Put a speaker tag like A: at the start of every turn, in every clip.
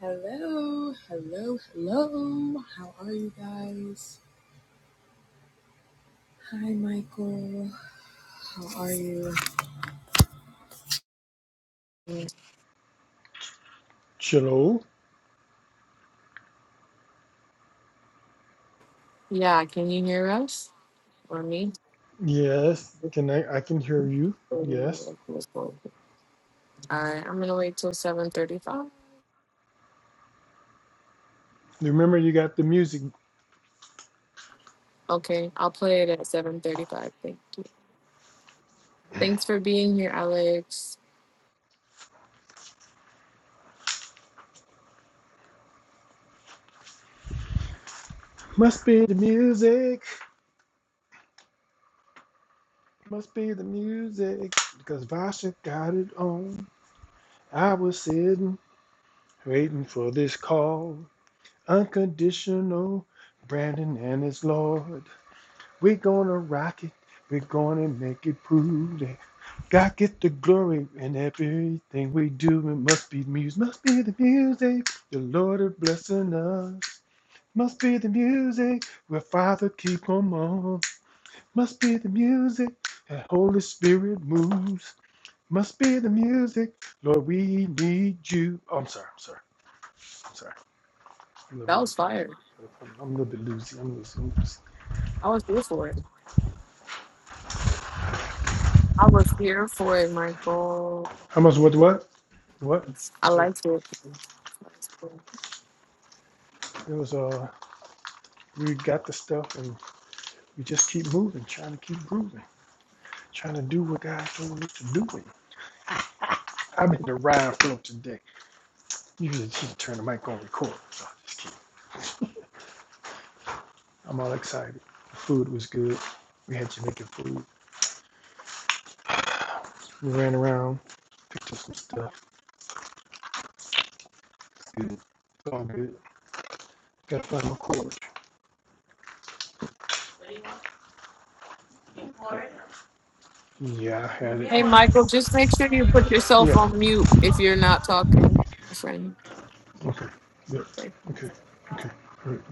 A: Hello, hello, hello. How are you guys? Hi, Michael. How are you?
B: Hello.
A: Yeah, can you hear us or me?
B: Yes. Can I? I can hear you. Yes.
A: All right, I'm gonna wait till 7:35.
B: Remember, you got the music.
A: Okay, I'll play it at 7:35. Thank- Thanks for being here, Alex.
B: Must be the music. Must be the music. Because Vasha got it on. I was sitting, waiting for this call. Unconditional. Brandon and his Lord. we gonna rock it. We're gonna make it prove that God get the glory in everything we do. It must be music. Must be the music. The Lord is blessing us. Must be the music where Father keep 'em on. Must be the music that Holy Spirit moves. Must be the music, Lord, we need you. Oh, I'm sorry, I'm sorry, I'm sorry. I'm a little
A: That was
B: bit,
A: fire.
B: I'm a little bit loosey. I'm losing. I'm loosey.
A: I was here for it. I was here for it, Michael.
B: How much? What? What? What?
A: I
B: Sorry.
A: liked it.
B: It was uh, we got the stuff and we just keep moving, trying to keep grooving, trying to do what God told us to do. I've been the ride flow today. Usually, just turn the mic on record. So I just keep. I'm all excited. The food was good. We had Jamaican food. We ran around, picked up some stuff. Good. It's all good. Gotta find my cord. What do you want? Cord? Yeah, I had it. You
A: Hey,
B: want a
A: Michael, just make
B: six
A: sure you put yourself
B: Yeah.
A: on mute if you're not talking, my friend.
B: Okay. Yeah. Okay. Okay. right. right.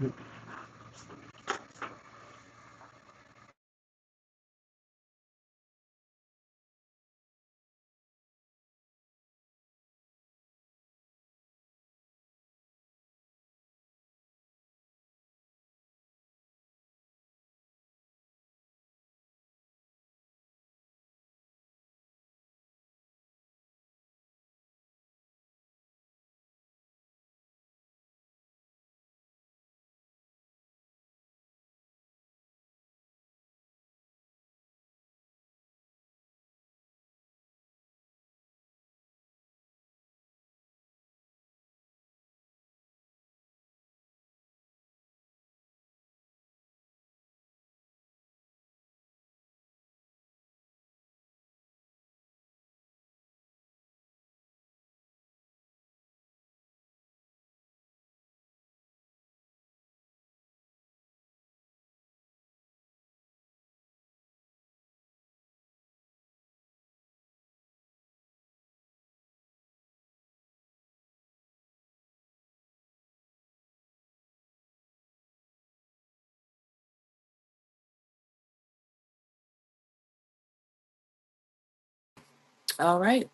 A: All right,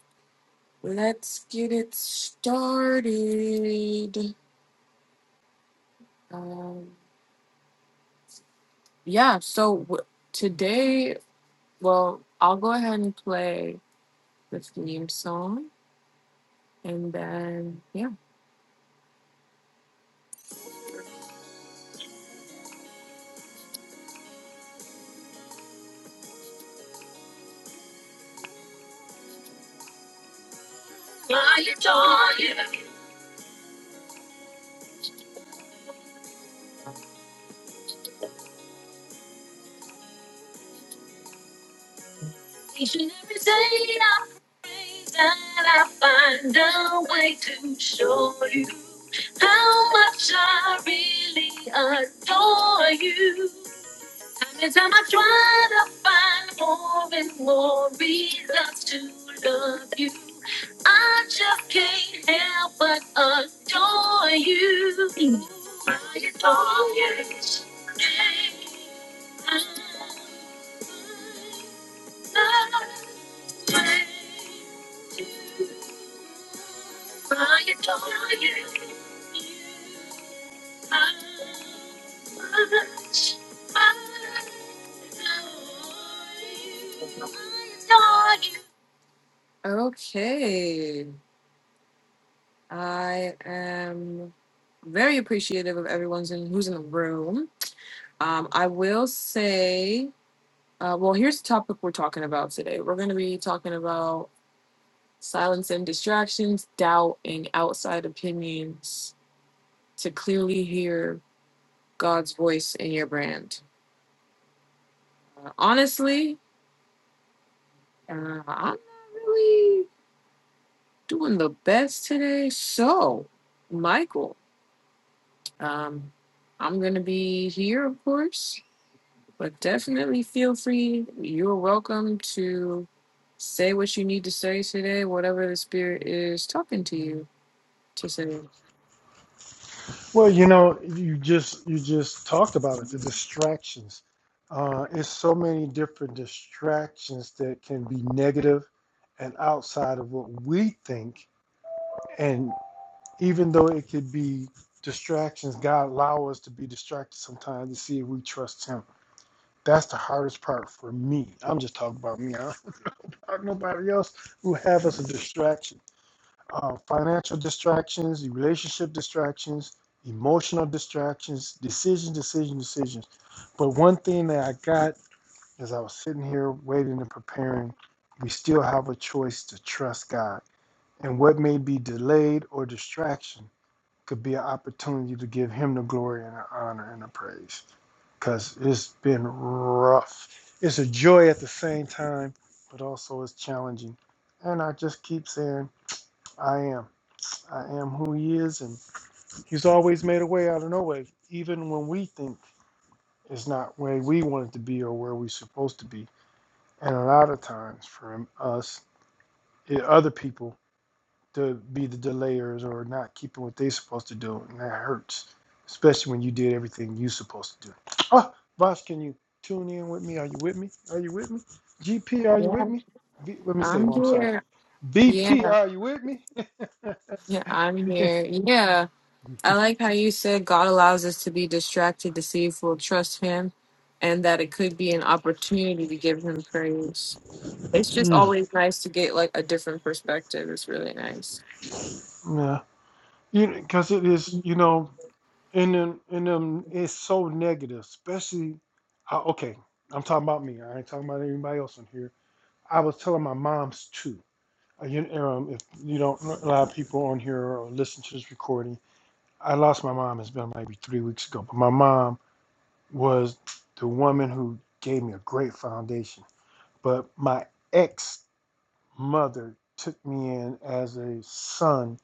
A: let's get it started. Um, yeah, so w- today, well, I'll go ahead and play the theme song and then, yeah. Each and every day I praise and I find a way to show you how much I really adore you. Time And time i try to find more and more reasons to love you, I just can't help but adore you. I adore you. I love Okay. I am very appreciative of everyone's in who's in the room. Um, I will say, uh, well, here's the topic we're talking about today. We're going to be talking about silencing distractions, doubt, and outside opinions to clearly hear God's voice in your brand. Uh, honestly, uh, I'm not really doing the best today. So, Michael, um, I'm going to be here, of course, but definitely feel free. You're welcome to say what you need to say today, whatever the Spirit is talking to you to say.
B: Well, you know, you just you just talked about it. The distractions. Uh, it's so many different distractions that can be negative and outside of what we think. and. even though it could be distractions, God allow us to be distracted sometimes to see if we trust Him. That's the hardest part for me. I'm just talking about me. I don't talk nobody else who have us a distraction. Uh, financial distractions, relationship distractions, emotional distractions, decision, decision, decisions. But one thing that I got as I was sitting here waiting and preparing, we still have a choice to trust God. And what may be delayed or distraction could be an opportunity to give him the glory and the honor and the praise. Because it's been rough. It's a joy at the same time, but also it's challenging. And I just keep saying, I am. I am who he is. And he's always made a way out of no way, even when we think it's not where we want it to be or where we're supposed to be. And a lot of times for us, it, other people to be the delayers or not keeping what they're supposed to do, and that hurts, especially when you did everything you're supposed to do. Oh, Boss, can you tune in with me? Are you with me? Are you with me? GP, are you
A: Yeah,
B: with me? V, let me say,
A: I'm
B: well, I'm sorry.
A: here.
B: BP,
A: Yeah,
B: are you with me?
A: Yeah, I'm here. Yeah, I like how you said God allows us to be distracted to see if we'll trust Him and that it could be an opportunity to give Him praise. It's just
B: Mm,
A: always nice to get like a different perspective. It's really nice.
B: yeah, you because it is, you know, in them, in them, it's so negative, especially. Uh, okay, I'm talking about me. I ain't talking about anybody else in here. I was telling my mom's too. Uh, You, um, if you don't allow people on here or listen to this recording, I lost my mom. It's been maybe three weeks ago, but my mom was the woman who gave me a great foundation. But my ex mother took me in as a son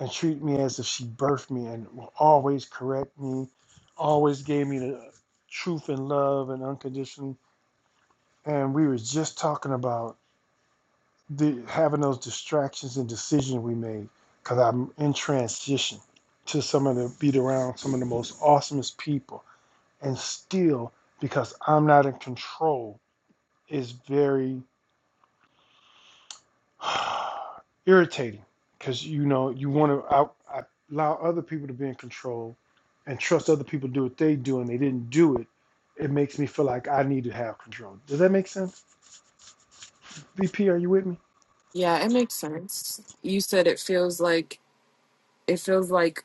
B: and treated me as if she birthed me and will always correct me, always gave me the truth and love and unconditional. And we were just talking about the having those distractions and decisions we made because I'm in transition to some of the beat around some of the most awesomest people and still because I'm not in control is very irritating because you know you want to out I allow other people to be in control and trust other people to do what they do and they didn't do it it makes me feel like I need to have control does that make sense VP are you with me
A: Yeah, it makes sense. You said it feels like it feels like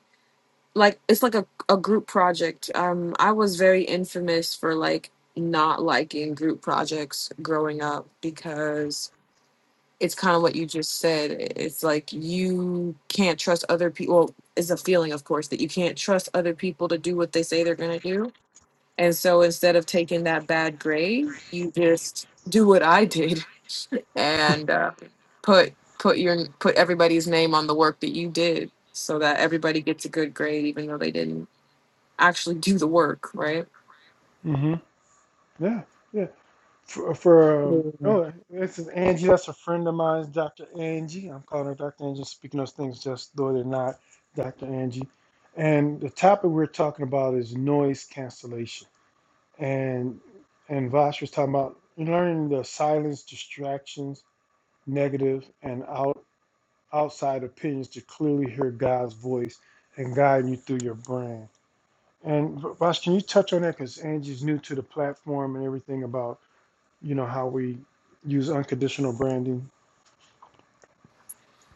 A: like it's like a, a group project. Um, I was very infamous for like not liking group projects growing up because it's kind of what you just said. It's like you can't trust other people. Well, it's a feeling, of course, that you can't trust other people to do what they say they're going to do. And so instead of taking that bad grade, you just do what I did and uh, put put your put everybody's name on the work that you did, so that everybody gets a good grade, even though they didn't actually do the work, right?
B: mm-hmm yeah yeah for, for um, oh this is Angie. That's a friend of mine, Dr. Angie. I'm calling her Dr. Angie, speaking those things just though they're not, Dr. Angie. And the topic we're talking about is noise cancellation. And and Vosh was talking about learning to silence distractions, negative and out outside opinions to clearly hear God's voice and guide you through your brain. And Vosh, can you touch on that because Angie's new to the platform and everything about you know how we use unconditional branding.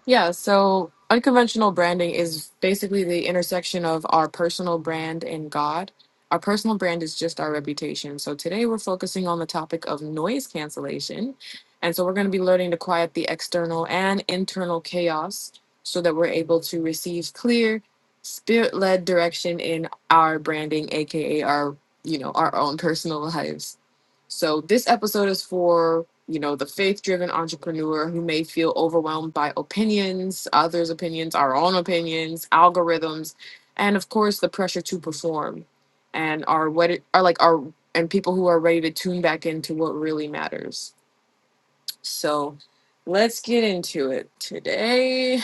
A: Yeah, so unconventional branding is basically the intersection of our personal brand and God. Our personal brand is just our reputation. So today we're focusing on the topic of noise cancellation. And so we're going to be learning to quiet the external and internal chaos so that we're able to receive clear, spirit led direction in our branding, AKA our, you know, our own personal lives. So this episode is for, you know, the faith-driven entrepreneur who may feel overwhelmed by opinions, others' opinions, our own opinions, algorithms, and of course the pressure to perform and are what it, are like are and people who are ready to tune back into what really matters. So let's get into it today.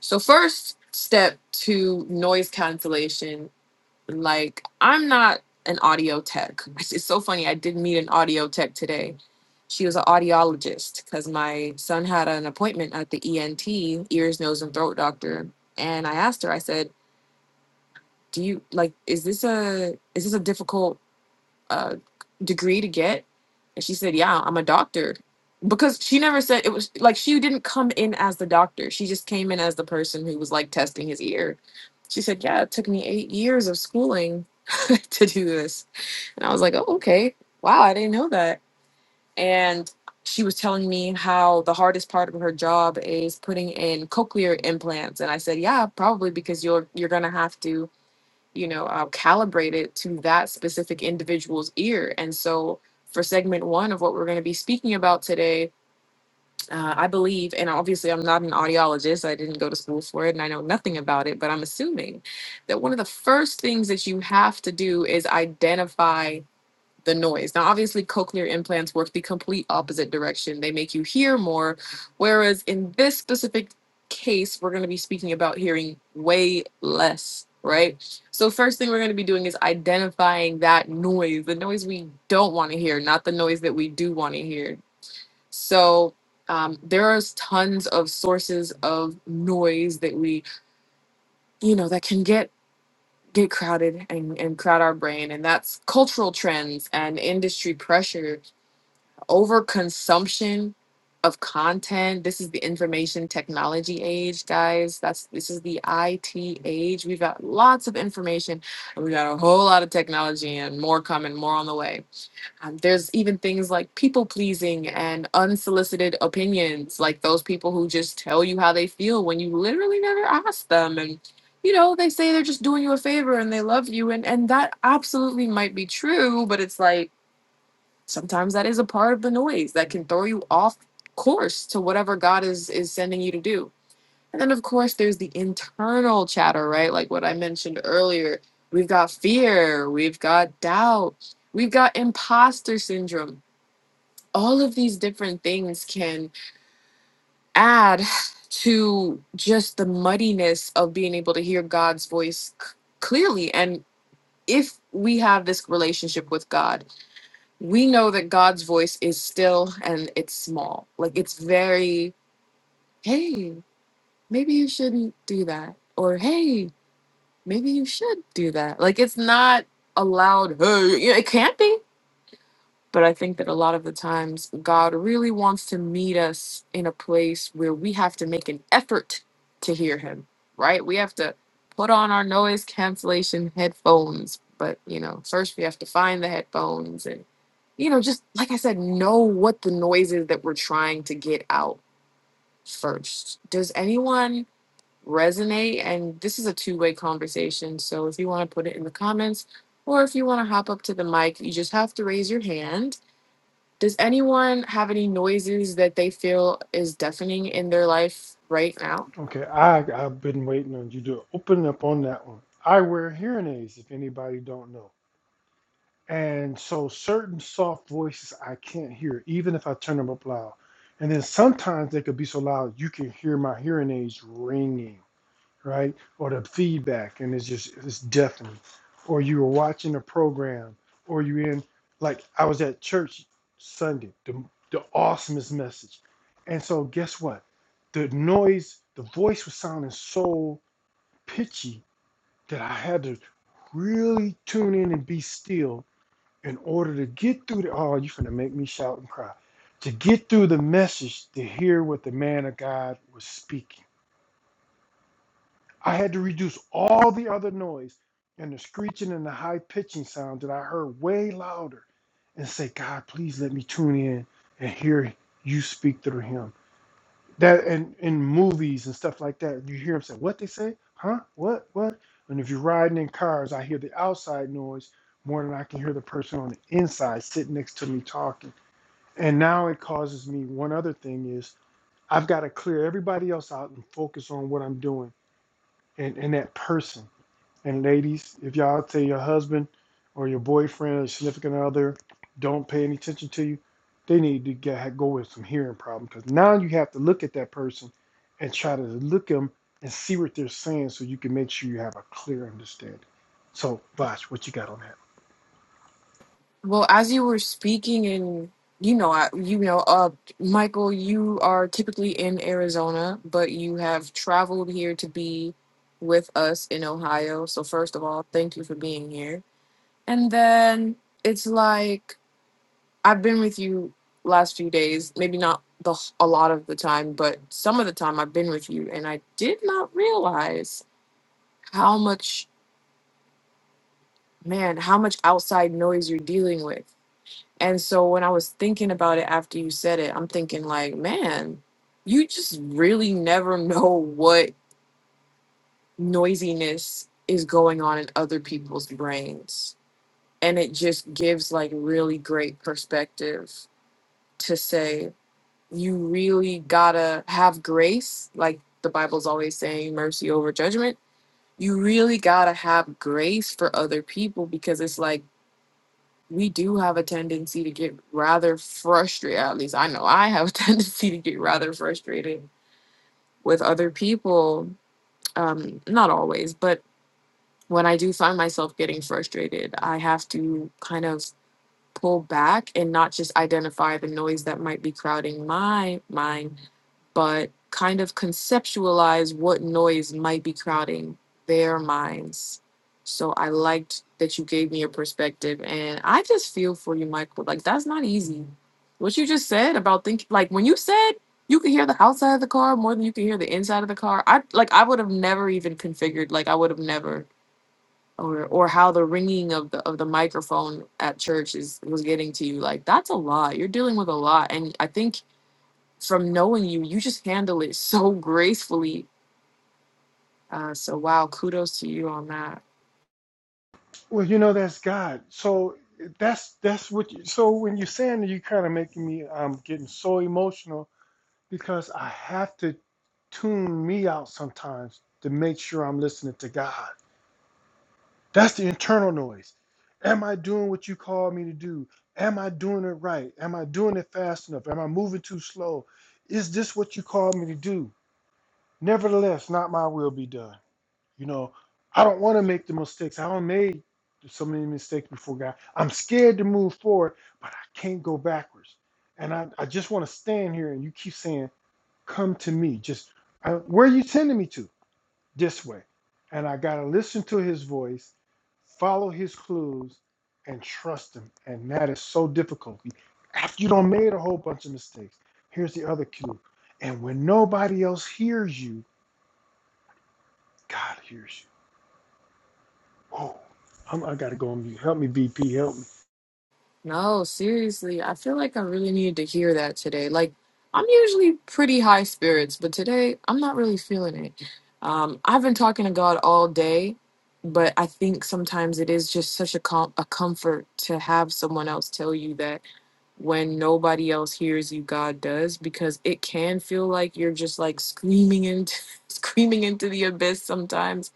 A: So first step to noise cancellation like, I'm not an audio tech. It's so funny. I did meet an audio tech today. She was an audiologist because my son had an appointment at the ENT, ears, nose, and throat doctor. And I asked her, I said, do you like is this a is this a difficult uh, degree to get? And she said, Yeah, I'm a doctor. Because she never said it was like she didn't come in as the doctor. She just came in as the person who was like testing his ear. She said, Yeah, it took me eight years of schooling to do this. And I was like, Oh, okay. Wow, I didn't know that. And she was telling me how the hardest part of her job is putting in cochlear implants. And I said, Yeah, probably because you're you're gonna have to you know uh, calibrated to that specific individual's ear and so for segment one of what we're going to be speaking about today uh, i believe and obviously i'm not an audiologist i didn't go to school for it and i know nothing about it but i'm assuming that one of the first things that you have to do is identify the noise. Now, obviously, cochlear implants work the complete opposite direction. They make you hear more, whereas in this specific case, we're going to be speaking about hearing way less, right? So, first thing we're going to be doing is identifying that noise, the noise we don't want to hear, not the noise that we do want to hear. So, um, there are tons of sources of noise that we, you know, that can get get crowded and, and crowd our brain and that's cultural trends and industry pressure overconsumption of content. This is the information technology age, guys. That's this is the IT age. We've got lots of information, and we got a whole lot of technology and more coming, more on the way. Um, there's even things like people pleasing and unsolicited opinions, like those people who just tell you how they feel when you literally never ask them and you know, they say they're just doing you a favor and they love you and and that absolutely might be true, but it's like sometimes that is a part of the noise that can throw you off course to whatever god is is sending you to do and then of course there's the internal chatter right like what i mentioned earlier we've got fear we've got doubt we've got imposter syndrome all of these different things can add to just the muddiness of being able to hear god's voice c- clearly and if we have this relationship with god we know that God's voice is still and it's small. Like it's very, hey, maybe you shouldn't do that. Or hey, maybe you should do that. Like it's not a loud, hey, you know, it can't be. But I think that a lot of the times God really wants to meet us in a place where we have to make an effort to hear Him, right? We have to put on our noise cancellation headphones. But, you know, first we have to find the headphones and, you know, just like I said, know what the noise is that we're trying to get out first. Does anyone resonate? And this is a two way conversation. So if you want to put it in the comments or if you want to hop up to the mic, you just have to raise your hand does anyone have any noises that they feel is deafening in their life right now?
B: Okay, I I've been waiting on you to open up on that one. I wear hearing aids if anybody don't know. And so certain soft voices I can't hear even if I turn them up loud. And then sometimes they could be so loud you can hear my hearing aids ringing. right? Or the feedback, and it's just it's deafening. Or you were watching a program, or you in like I was at church Sunday, the the awesomest message, and so guess what? The noise, the voice was sounding so pitchy that I had to really tune in and be still in order to get through the. Oh, you finna make me shout and cry. To get through the message, to hear what the man of God was speaking I had to reduce all the other noise and the screeching and the high pitching sound that I heard way louder and say, God, please let me tune in and hear you speak through him. That and in movies and stuff like that, you hear him say, What they say? Huh? What? What? And if you're riding in cars, I hear the outside noise more than I can hear the person on the inside sitting next to me talking. And now it causes me one other thing is I've got to clear everybody else out and focus on what I'm doing and, and that person. And ladies, if y'all tell your husband or your boyfriend or your significant other don't pay any attention to you, they need to get go with some hearing problem because now you have to look at that person and try to look them and see what they're saying so you can make sure you have a clear understanding. So, Vash, what you got on that?
A: Well, as you were speaking, and you know, I, you know, uh, Michael, you are typically in Arizona, but you have traveled here to be with us in Ohio. So first of all, thank you for being here. And then it's like I've been with you last few days, maybe not the a lot of the time, but some of the time I've been with you, and I did not realize how much man how much outside noise you're dealing with and so when i was thinking about it after you said it i'm thinking like man you just really never know what noisiness is going on in other people's brains and it just gives like really great perspective to say you really gotta have grace like the bible's always saying mercy over judgment you really gotta have grace for other people because it's like we do have a tendency to get rather frustrated. At least I know I have a tendency to get rather frustrated with other people. Um, not always, but when I do find myself getting frustrated, I have to kind of pull back and not just identify the noise that might be crowding my mind, but kind of conceptualize what noise might be crowding their minds. So I liked that you gave me your perspective and I just feel for you, Michael. Like that's not easy. What you just said about thinking like when you said you could hear the outside of the car more than you could hear the inside of the car, I like I would have never even configured, like I would have never or or how the ringing of the of the microphone at church is was getting to you like that's a lot you're dealing with a lot and i think from knowing you you just handle it so gracefully uh so wow kudos to you on that
B: Well, you know that's God. So that's that's what. You, so when you're saying that, you're kind of making me. I'm um, getting so emotional because I have to tune me out sometimes to make sure I'm listening to God. That's the internal noise. Am I doing what you called me to do? Am I doing it right? Am I doing it fast enough? Am I moving too slow? Is this what you called me to do? Nevertheless, not my will be done. You know, I don't want to make the mistakes. I don't made so many mistakes before God. I'm scared to move forward, but I can't go backwards. And I, I just want to stand here and you keep saying, come to me. Just I, where are you sending me to? This way. And I got to listen to his voice, follow his clues, and trust him. And that is so difficult. After you don't made a whole bunch of mistakes, here's the other cue. And when nobody else hears you, God hears you. Whoa. I'm, I got to go on mute. Help me, VP. Help me.
A: no seriously i feel like i really needed to hear that today like i'm usually pretty high spirits but today i'm not really feeling it um i've been talking to god all day but i think sometimes it is just such a com- a comfort to have someone else tell you that when nobody else hears you god does because it can feel like you're just like screaming into screaming into the abyss sometimes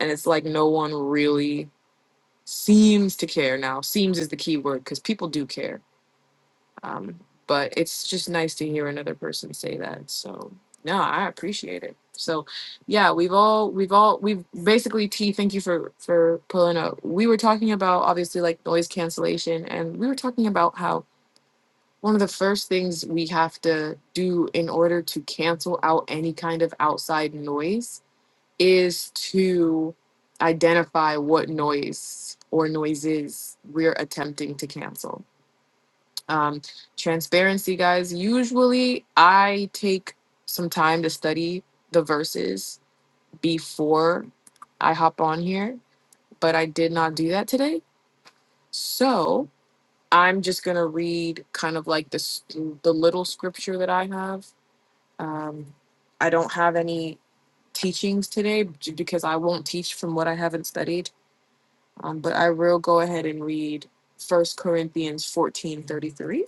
A: and it's like no one really seems to care now seems is the key word because people do care um, but it's just nice to hear another person say that so no i appreciate it so yeah we've all we've all we've basically t thank you for for pulling up we were talking about obviously like noise cancellation and we were talking about how one of the first things we have to do in order to cancel out any kind of outside noise is to identify what noise or noises we're attempting to cancel. Um, transparency, guys. Usually, I take some time to study the verses before I hop on here, but I did not do that today. So I'm just gonna read kind of like the s- the little scripture that I have Um, I don't have any teachings today j- because I won't teach from what I haven't studied. Um, but I will go ahead and read First Corinthians fourteen thirty three.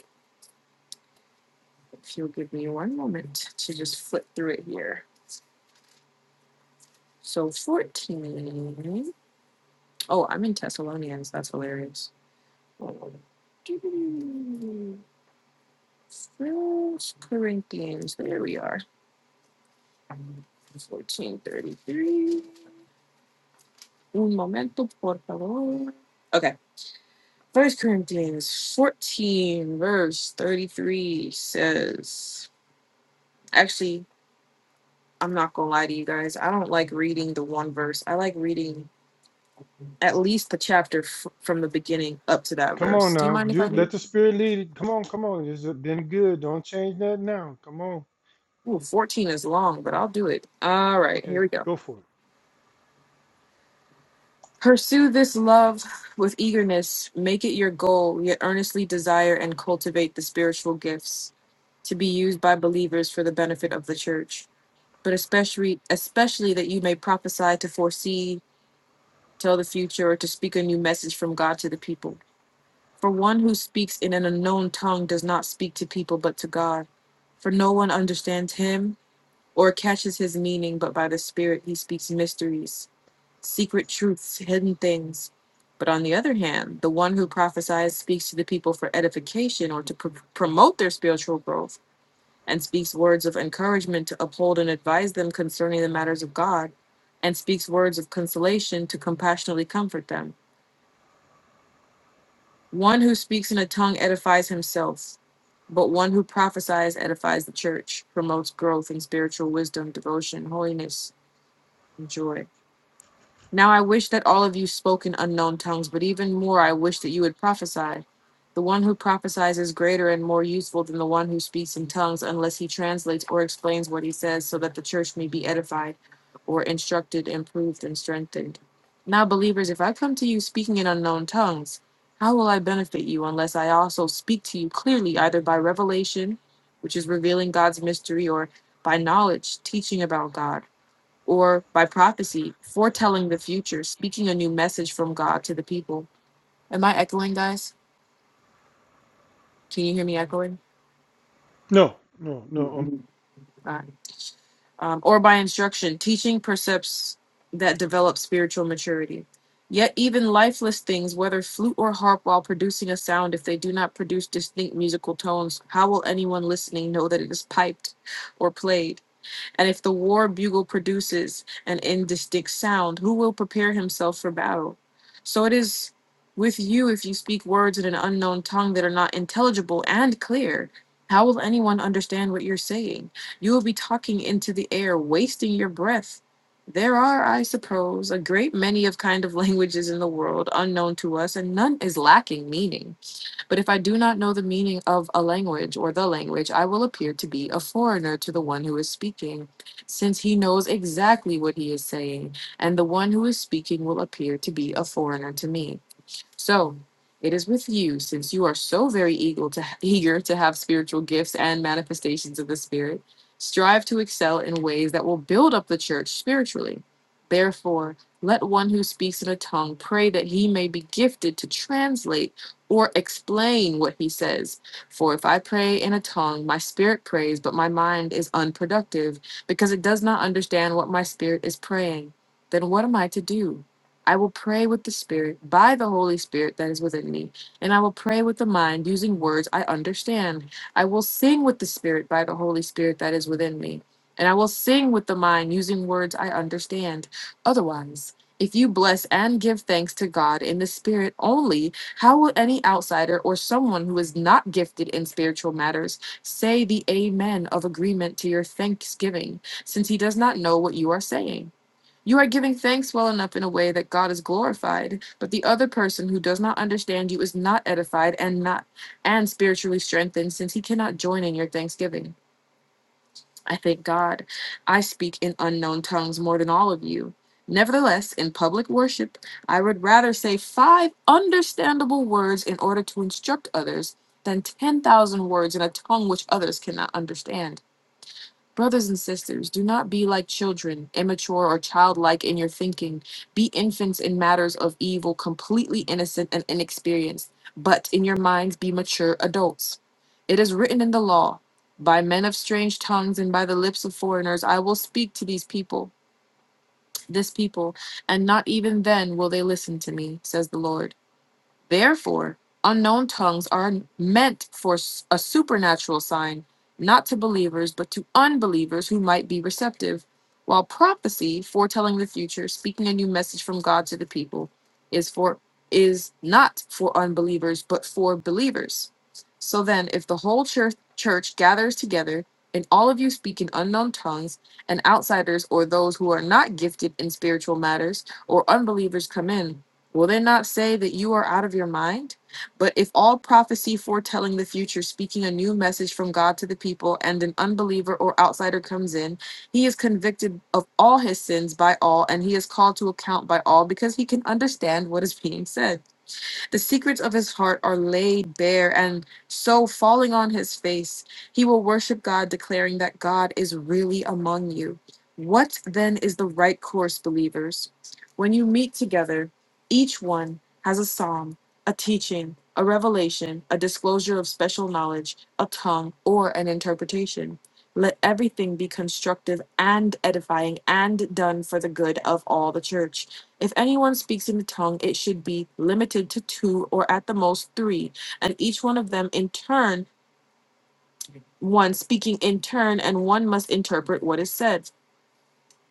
A: If you'll give me one moment to just flip through it here. So 14. Oh, I'm in Thessalonians. That's hilarious. First Corinthians. There we are. 1433. Un momento, por favor. Okay. First Corinthians 14, verse 33 says, actually, I'm not gonna lie to you guys. I don't like reading the one verse. I like reading at least the chapter f- from the beginning up to that
B: Come
A: verse.
B: on
A: Do you
B: now.
A: mind if I
B: Dude,
A: do?
B: let the spirit lead it. Come on, come on. It's been good. Don't change that now. Come on.
A: Ooh, 14 is long, but I'll do it. All right, here
B: Okay,
A: we go.
B: go for it.
A: Pursue this love with eagerness, make it your goal, yet earnestly desire and cultivate the spiritual gifts to be used by believers for the benefit of the church. but especially especially that you may prophesy to foresee, tell the future, or to speak a new message from God to the people. For one who speaks in an unknown tongue does not speak to people but to God, for no one understands him or catches his meaning, but by the Spirit he speaks mysteries, secret truths, hidden things. But on the other hand, the one who prophesies speaks to the people for edification or to pr- promote their spiritual growth and speaks words of encouragement to uphold and advise them concerning the matters of God, and speaks words of consolation to compassionately comfort them. One who speaks in a tongue edifies himself, but one who prophesies edifies the church, promotes growth in spiritual wisdom, devotion, holiness, and joy. Now I wish that all of you spoke in unknown tongues, but even more I wish that you would prophesy. The one who prophesies is greater and more useful than the one who speaks in tongues, unless he translates or explains what he says, so that the church may be edified, or instructed, improved, and strengthened. Now, believers, if I come to you speaking in unknown tongues, how will I benefit you unless I also speak to you clearly, either by revelation, which is revealing God's mystery, or by knowledge, teaching about God? or by prophecy, foretelling the future, speaking a new message from God to the people. Am I echoing, guys? Can you hear me echoing?
B: No, no, no.
A: All right. Um, or by instruction, teaching precepts that develop spiritual maturity. Yet even lifeless things, whether flute or harp, while producing a sound, if they do not produce distinct musical tones, how will anyone listening know that it is piped or played? And if the war bugle produces an indistinct sound, who will prepare himself for battle? So it is with you if you speak words in an unknown tongue that are not intelligible and clear. How will anyone understand what you're saying? You will be talking into the air, wasting your breath. There are, I suppose, a great many of kind of languages in the world unknown to us, and none is lacking meaning. But if I do not know the meaning of a language or the language, I will appear to be a foreigner to the one who is speaking, since he knows exactly what he is saying, and the one who is speaking will appear to be a foreigner to me. So it is with you, since you are so very eager to, eager to have spiritual gifts and manifestations of the Spirit, strive to excel in ways that will build up the church spiritually. Therefore, let one who speaks in a tongue pray that he may be gifted to translate or explain what he says. For if I pray in a tongue, my spirit prays, but my mind is unproductive because it does not understand what my spirit is praying. Then what am I to do? I will pray with the Spirit, by the Holy Spirit that is within me, and I will pray with the mind using words I understand. I will sing with the Spirit, by the Holy Spirit that is within me, and I will sing with the mind using words I understand. Otherwise, if you bless and give thanks to God in the Spirit only, how will any outsider or someone who is not gifted in spiritual matters say the Amen of agreement to your thanksgiving, since he does not know what you are saying? You are giving thanks well enough in a way that God is glorified, but the other person who does not understand you is not edified and not and spiritually strengthened since he cannot join in your thanksgiving. I thank God. I speak in unknown tongues more than all of you. Nevertheless, in public worship, I would rather say five understandable words in order to instruct others than 10,000 words in a tongue which others cannot understand. Brothers and sisters, do not be like children, immature or childlike in your thinking. Be infants in matters of evil, completely innocent and inexperienced, but in your minds be mature adults. It is written in the law By men of strange tongues and by the lips of foreigners, I will speak to these people, this people, and not even then will they listen to me, says the Lord. Therefore, unknown tongues are meant for s- a supernatural sign, not to believers, but to unbelievers who might be receptive, while prophecy, foretelling the future, speaking a new message from God to the people, is for is not for unbelievers, but for believers. So then, if the whole church, church gathers together and all of you speak in unknown tongues, and outsiders or those who are not gifted in spiritual matters or unbelievers come in, Will they not say that you are out of your mind? But if all prophecy foretelling the future, speaking a new message from God to the people, and an unbeliever or outsider comes in, he is convicted of all his sins by all, and he is called to account by all because he can understand what is being said. The secrets of his heart are laid bare, and so, falling on his face, he will worship God, declaring that God is really among you. What then is the right course, believers? When you meet together, each one has a psalm, a teaching, a revelation, a disclosure of special knowledge, a tongue, or an interpretation. Let everything be constructive and edifying and done for the good of all the church. If anyone speaks in a tongue, it should be limited to two or at the most three, and each one of them in turn, one speaking in turn, and one must interpret what is said.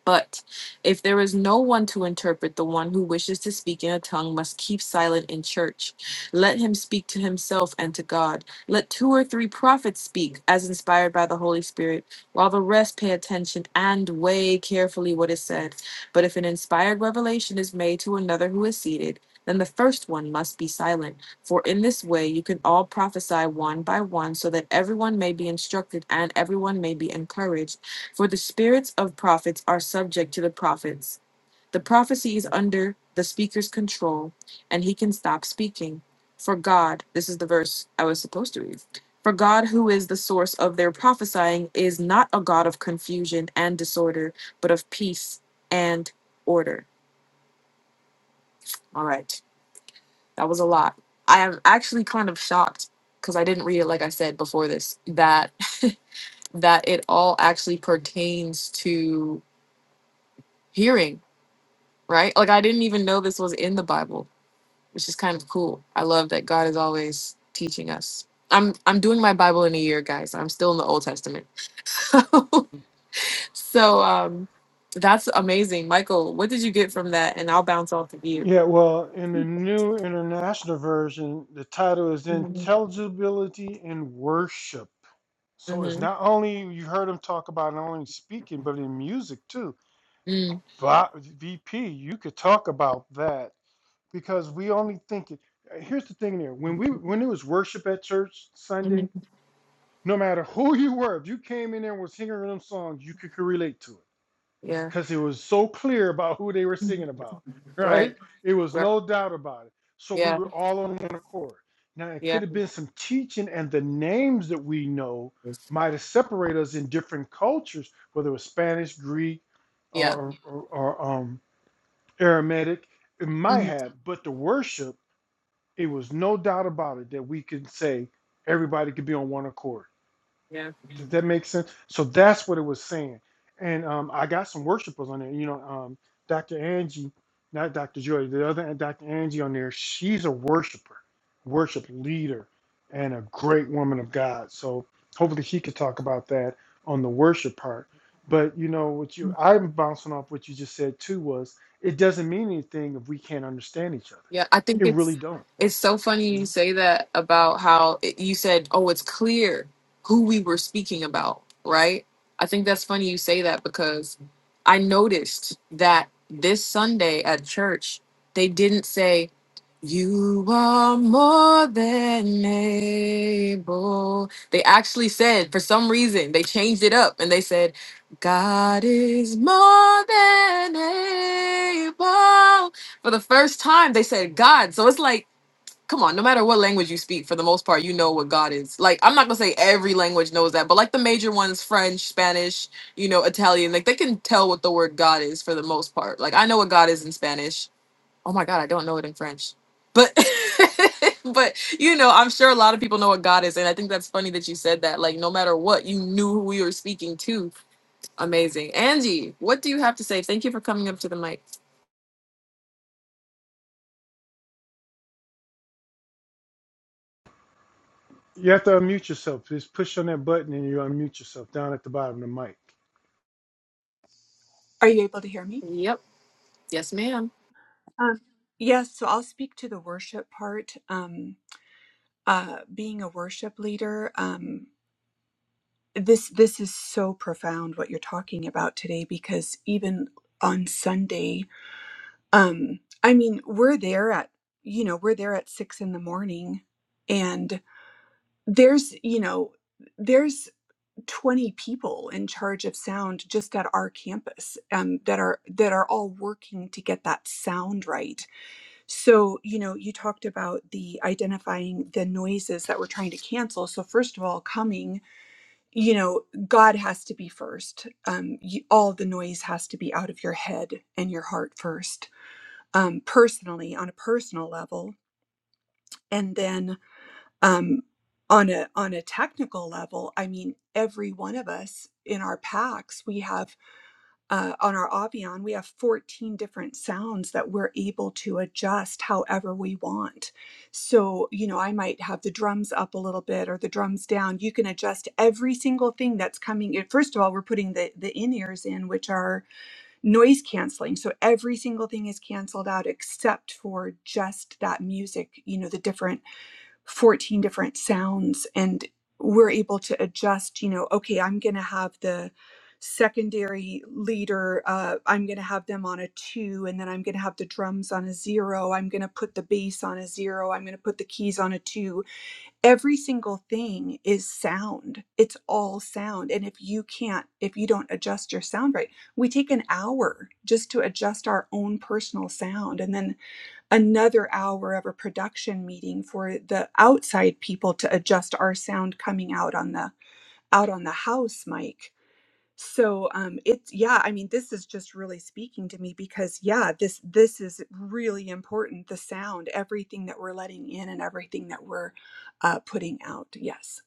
A: But if there is no one to interpret, the one who wishes to speak in a tongue must keep silent in church. Let him speak to himself and to God. Let two or three prophets speak, as inspired by the Holy Spirit, while the rest pay attention and weigh carefully what is said. But if an inspired revelation is made to another who is seated, then the first one must be silent. For in this way you can all prophesy one by one, so that everyone may be instructed and everyone may be encouraged. For the spirits of prophets are subject to the prophets. The prophecy is under the speaker's control, and he can stop speaking. For God, this is the verse I was supposed to read. For God, who is the source of their prophesying, is not a God of confusion and disorder, but of peace and order. All right, that was a lot. I am actually kind of shocked because I didn't read it, like I said before this, that that it all actually pertains to hearing right? Like I didn't even know this was in the Bible, which is kind of cool. I love that God is always teaching us. I'm I'm doing my Bible in a year, guys. I'm still in the Old Testament. so um that's amazing. Michael, what did you get from that? And I'll bounce off of you.
B: Yeah, well, in the New International Version, the title is
A: hmm
B: Intelligibility in Worship. So it's
A: hmm
B: not only you heard him talk about not only speaking, but in music too.
A: mm
B: But VP, you could talk about that because we only think it. Here's the thing there. When we when it was worship at church
A: hmm
B: Sunday, no matter who you were, if you came in there and was singing them songs, you could, could relate to it
A: Yeah.
B: because it was so clear about who they were singing about,
A: Right.
B: right? It was
A: Right.
B: no doubt about it. So we
A: Yeah.
B: were all on one accord. Now, it
A: Yeah.
B: could have been some teaching, and the names that we know might have separated us in different cultures, whether it was Spanish, Greek,
A: Yeah.
B: or, or, or um, Aramaic. It might
A: hmm
B: have, but the worship, it was no doubt about it that we could say everybody could be on one accord does that make sense? So that's what it was saying. And um, I got some worshipers on there. You know, um, Dr. Angie, not Dr. Joy, the other Dr. Angie on there, she's a worshiper, worship leader, and a great woman of God. So hopefully she could talk about that on the worship part. But you know what you I'm bouncing off what you just said too was it doesn't mean anything if we can't understand each other.
A: Yeah, I think
B: It really
A: it's
B: don't.
A: it's so funny you say that about how it, you said, "Oh, it's clear who we were speaking about," right? I think that's funny you say that because I noticed that this Sunday at church, they didn't say you are more than able. They actually said, for some reason, they changed it up and they said, God is more than able for the first time they said god so it's like come on no matter what language you speak for the most part you know what god is like i'm not gonna say every language knows that but like the major ones french spanish you know italian like they can tell what the word god is for the most part like i know what god is in spanish oh my god i don't know it in french but but you know i'm sure a lot of people know what god is and i think that's funny that you said that like no matter what you knew who you were speaking to amazing angie what do you have to say thank you for coming up to the mic
B: You have to unmute yourself. Just push on that button and you unmute yourself down at the bottom of the mic.
C: Are you able to hear me?
A: yep yes ma'am
C: Um, yes, so I'll speak to the worship part. Um, uh, being a worship leader, um, this this is so profound what you're talking about today because even on Sunday, um, I mean, we're there at you know we're there at six in the morning, and there's you know there's 20 people in charge of sound just at our campus um, that are that are all working to get that sound right So, you know, you talked about the identifying the noises that we're trying to cancel. So, first of all, coming, you know, God has to be first. Um, you, all the noise has to be out of your head and your heart first, um, personally on a personal level, and then um, on a on a technical level. I mean, every one of us in our packs, we have uh, on our Avian, we have 14 different sounds that we're able to adjust however we want. So, you know, I might have the drums up a little bit or the drums down. You can adjust every single thing that's coming. in. First of all, we're putting the, the in ears in, which are noise canceling. So every single thing is canceled out except for just that music, you know, the different 14 different sounds and we're able to adjust you know okay i'm going to have the secondary leader uh, i'm going to have them on a two and then i'm going to have the drums on a zero i'm going to put the bass on a zero i'm going to put the keys on a two every single thing is sound it's all sound and if you can't if you don't adjust your sound right we take an hour just to adjust our own personal sound and then another hour of a production meeting for the outside people to adjust our sound coming out on the out on the house mic so um it's yeah i mean this is just really speaking to me because yeah this this is really important the sound everything that we're letting in and everything that we're uh, putting out yes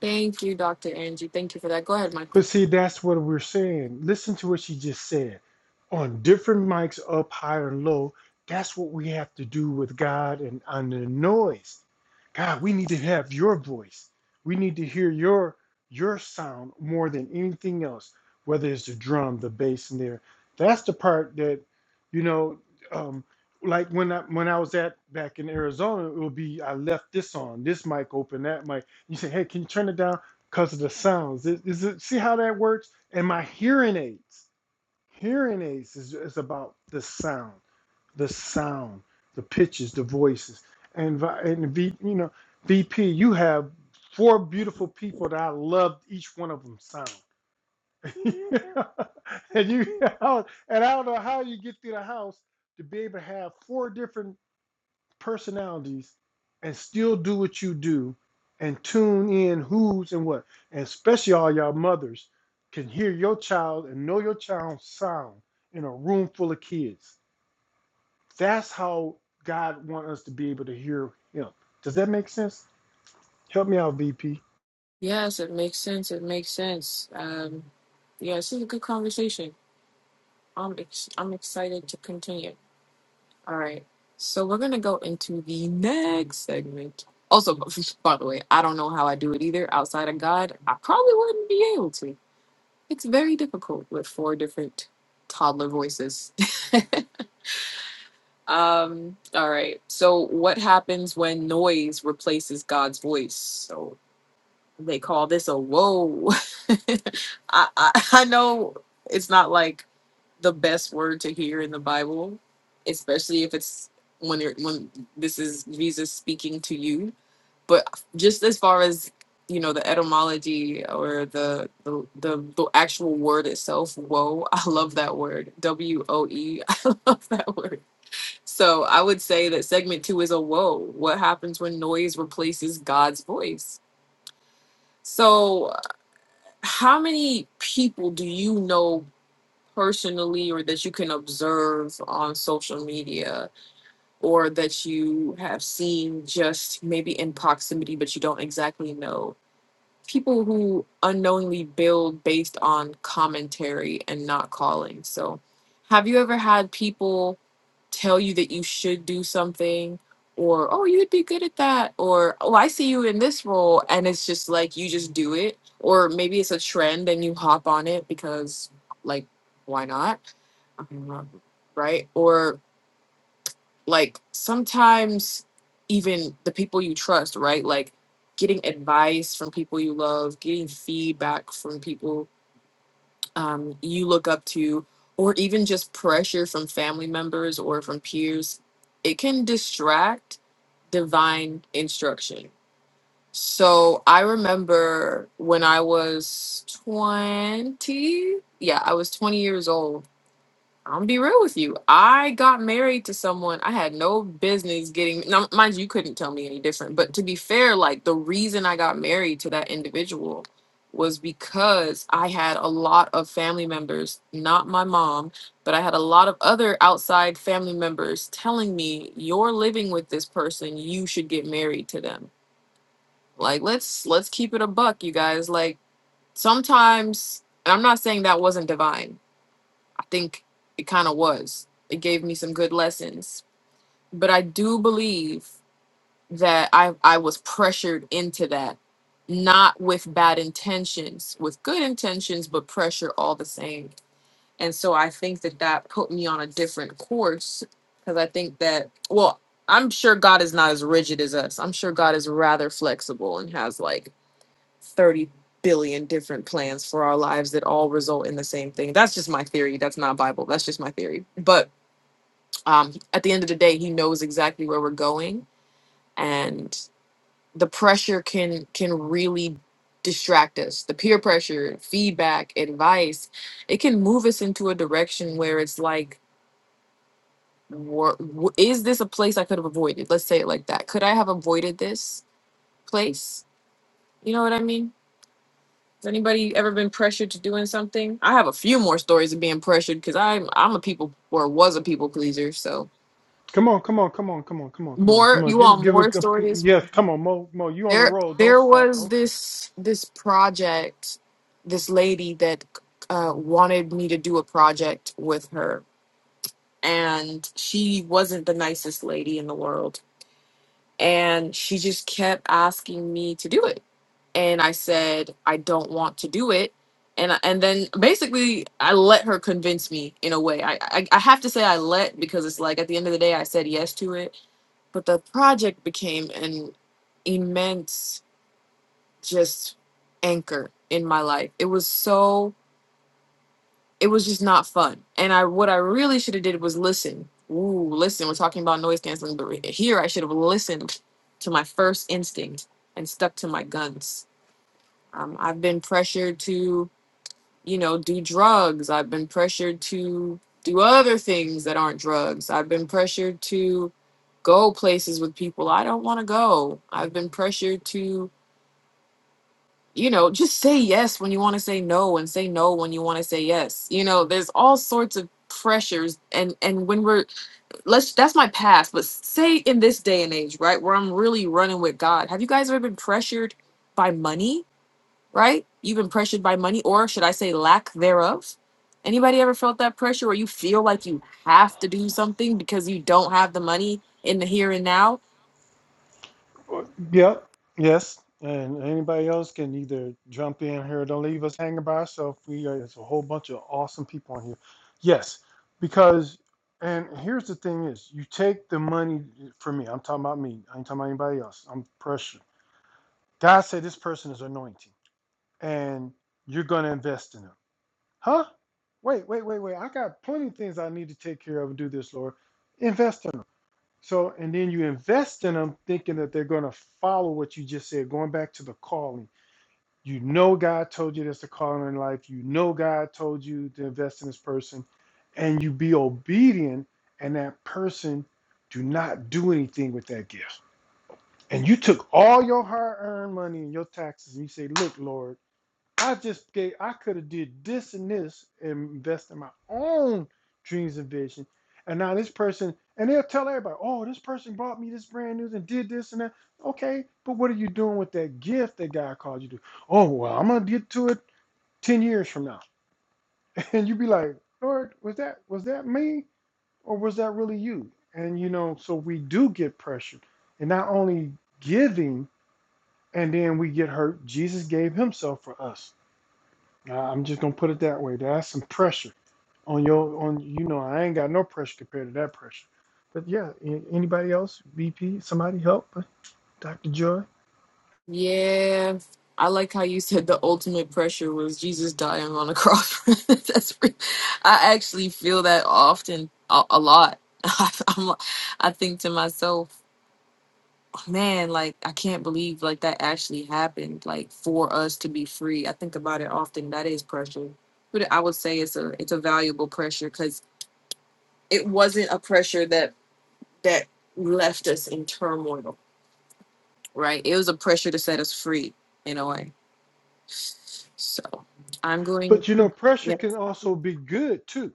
A: Thank you, Dr. Angie. Thank you for that. Go ahead,
B: But
A: Michael.
B: see, that's what we're saying. Listen to what she just said. On different mics, up, high, or low, that's what we have to do with God and on the noise. God, we need to have your voice. We need to hear your your sound more than anything else, whether it's the drum, the bass in there. That's the part that, you know, um, like when I when I was at back in Arizona, it would be I left this on, this mic open, that mic. You say, hey, can you turn it down? because of the sounds. Is, is it, see how that works? And my hearing aids, hearing aids is, is about the sound, the sound, the pitches, the voices. And and v, you know, VP, you have four beautiful people that I love each one of them sound. Yeah. and you, and I don't know how you get through the house to be able to have four different personalities and still do what you do and tune in who's and what. And especially all y'all mothers can hear your child and know your child's sound in a room full of kids. That's how God wants us to be able to hear him. Does that make sense? Help me out, VP.
A: Yes, it makes sense. It makes sense. Um, yeah, this is a good conversation. I'm ex- I'm excited to continue. All right, so we're gonna go into the next segment. Also, b- by the way, I don't know how I do it either. Outside of God, I probably wouldn't be able to. It's very difficult with four different toddler voices. Um, all right. So what happens when noise replaces God's voice? So they call this a whoa. I, I I know it's not like the best word to hear in the Bible, especially if it's when you're when this is Jesus speaking to you. But just as far as you know, the etymology or the the the, the actual word itself, whoa, I love that word. W O E. I love that word. So I would say that segment two is a whoa. What happens when noise replaces God's voice? So how many people do you know personally or that you can observe on social media or that you have seen just maybe in proximity but you don't exactly know people who unknowingly build based on commentary and not calling. So, have you ever had people tell you that you should do something or oh, you would be good at that or oh, I see you in this role and it's just like you just do it or maybe it's a trend and you hop on it because like why not? I Right? Or like sometimes even the people you trust, right? Like getting advice from people you love, getting feedback from people um, you look up to, or even just pressure from family members or from peers, it can distract divine instruction. So I remember when I was 20, yeah, I was 20 years old I'm gonna be real with you. I got married to someone I had no business getting. Now, mind you, you couldn't tell me any different. But to be fair, like the reason I got married to that individual was because I had a lot of family members, not my mom, but I had a lot of other outside family members telling me, "You're living with this person. You should get married to them." Like let's let's keep it a buck, you guys. Like sometimes, and I'm not saying that wasn't divine think it kind of was. It gave me some good lessons, but I do believe that I I was pressured into that, not with bad intentions, with good intentions, but pressure all the same. And so I think that that put me on a different course because I think that well, I'm sure God is not as rigid as us. I'm sure God is rather flexible and has like 30 billion different plans for our lives that all result in the same thing. That's just my theory. That's not Bible. That's just my theory. But um, at the end of the day, he knows exactly where we're going, and the pressure can can really distract us. The peer pressure, feedback, advice, it can move us into a direction where it's like, wha- wh- is this a place I could have avoided? Let's say it like that. Could I have avoided this place? You know what I mean? Has anybody ever been pressured to doing something? I have a few more stories of being pressured because I'm I'm a people or was a people pleaser. So
B: Come on, come on, come on, come on, come on, come on,
A: more
B: come on.
A: you
B: Give
A: want
B: give a
A: more stories?
B: yes, come on, Mo Mo, you on the
A: There
B: roll. Don't
A: there
B: stop.
A: was
B: Don't
A: this this project, this lady that uh, wanted me to do a project with her, and she wasn't the nicest lady in the world And she just kept asking me to do it. And I said, I don't want to do it. And, and then basically I let her convince me in a way. I, I I have to say I let because it's like at the end of the day I said yes to it, but the project became an immense just anchor in my life. It was so it was just not fun. And I what I really should have did was listen. Ooh, listen, we're talking about noise canceling, but re- here I should have listened to my first instinct and stuck to my guns. Um, I've been pressured to, you know, do drugs. I've been pressured to do other things that aren't drugs. I've been pressured to go places with people I don't want to go. I've been pressured to you know, just say yes when you want to say no and say no when you want to say yes. You know, there's all sorts of pressures and and when we're let's that's my past, but say in this day and age, right, where I'm really running with God. Have you guys ever been pressured by money, right? You've been pressured by money or should I say lack thereof? Anybody ever felt that pressure where you feel like you have to do something because you don't have the money in the here and now?
B: Well, Yep, yes. And anybody else can either jump in here. Don't leave us hanging by ourselves. We are, its a whole bunch of awesome people on here. Yes, because and here's the thing is you take the money for me. I'm talking about me. I ain't talking about anybody else. I'm pressure. God said this person is anointing and you're gonna invest in them. Huh? Wait, wait, wait, wait. I got plenty of things I need to take care of and do this, Lord. Invest in them. So, and then you invest in them thinking that they're going to follow what you just said, going back to the calling. You know, God told you that's the calling in life. You know, God told you to invest in this person, and you be obedient, and that person do not do anything with that gift. And you took all your hard earned money and your taxes, and you say, Look, Lord. I just gave I could have did this and this and invest in my own dreams and vision. And now this person and they'll tell everybody, oh, this person brought me this brand new and did this and that. Okay, but what are you doing with that gift that God called you to? Oh well, I'm gonna get to it ten years from now. And you be like, Lord, was that was that me or was that really you? And you know, so we do get pressured. And not only giving and then we get hurt, Jesus gave himself for us I- I'm just gonna put it that way. That's some pressure on your on you know I ain't got no pressure compared to that pressure. But yeah, a- anybody else? VP, somebody help, uh, Dr. Joy.
A: Yeah. I like how you said the ultimate pressure was Jesus dying on a cross. That's re- I actually feel that often a, a lot. I'm, li- I think to myself, man, like I can't believe like that actually happened like for us to be free. I think about it often. That is pressure. But I would say it's a it's a valuable pressure cuz it wasn't a pressure that that left us in turmoil, right? It was a pressure to set us free in a way. So I'm going.
B: But you know, pressure
A: Yeah.
B: can also be good too,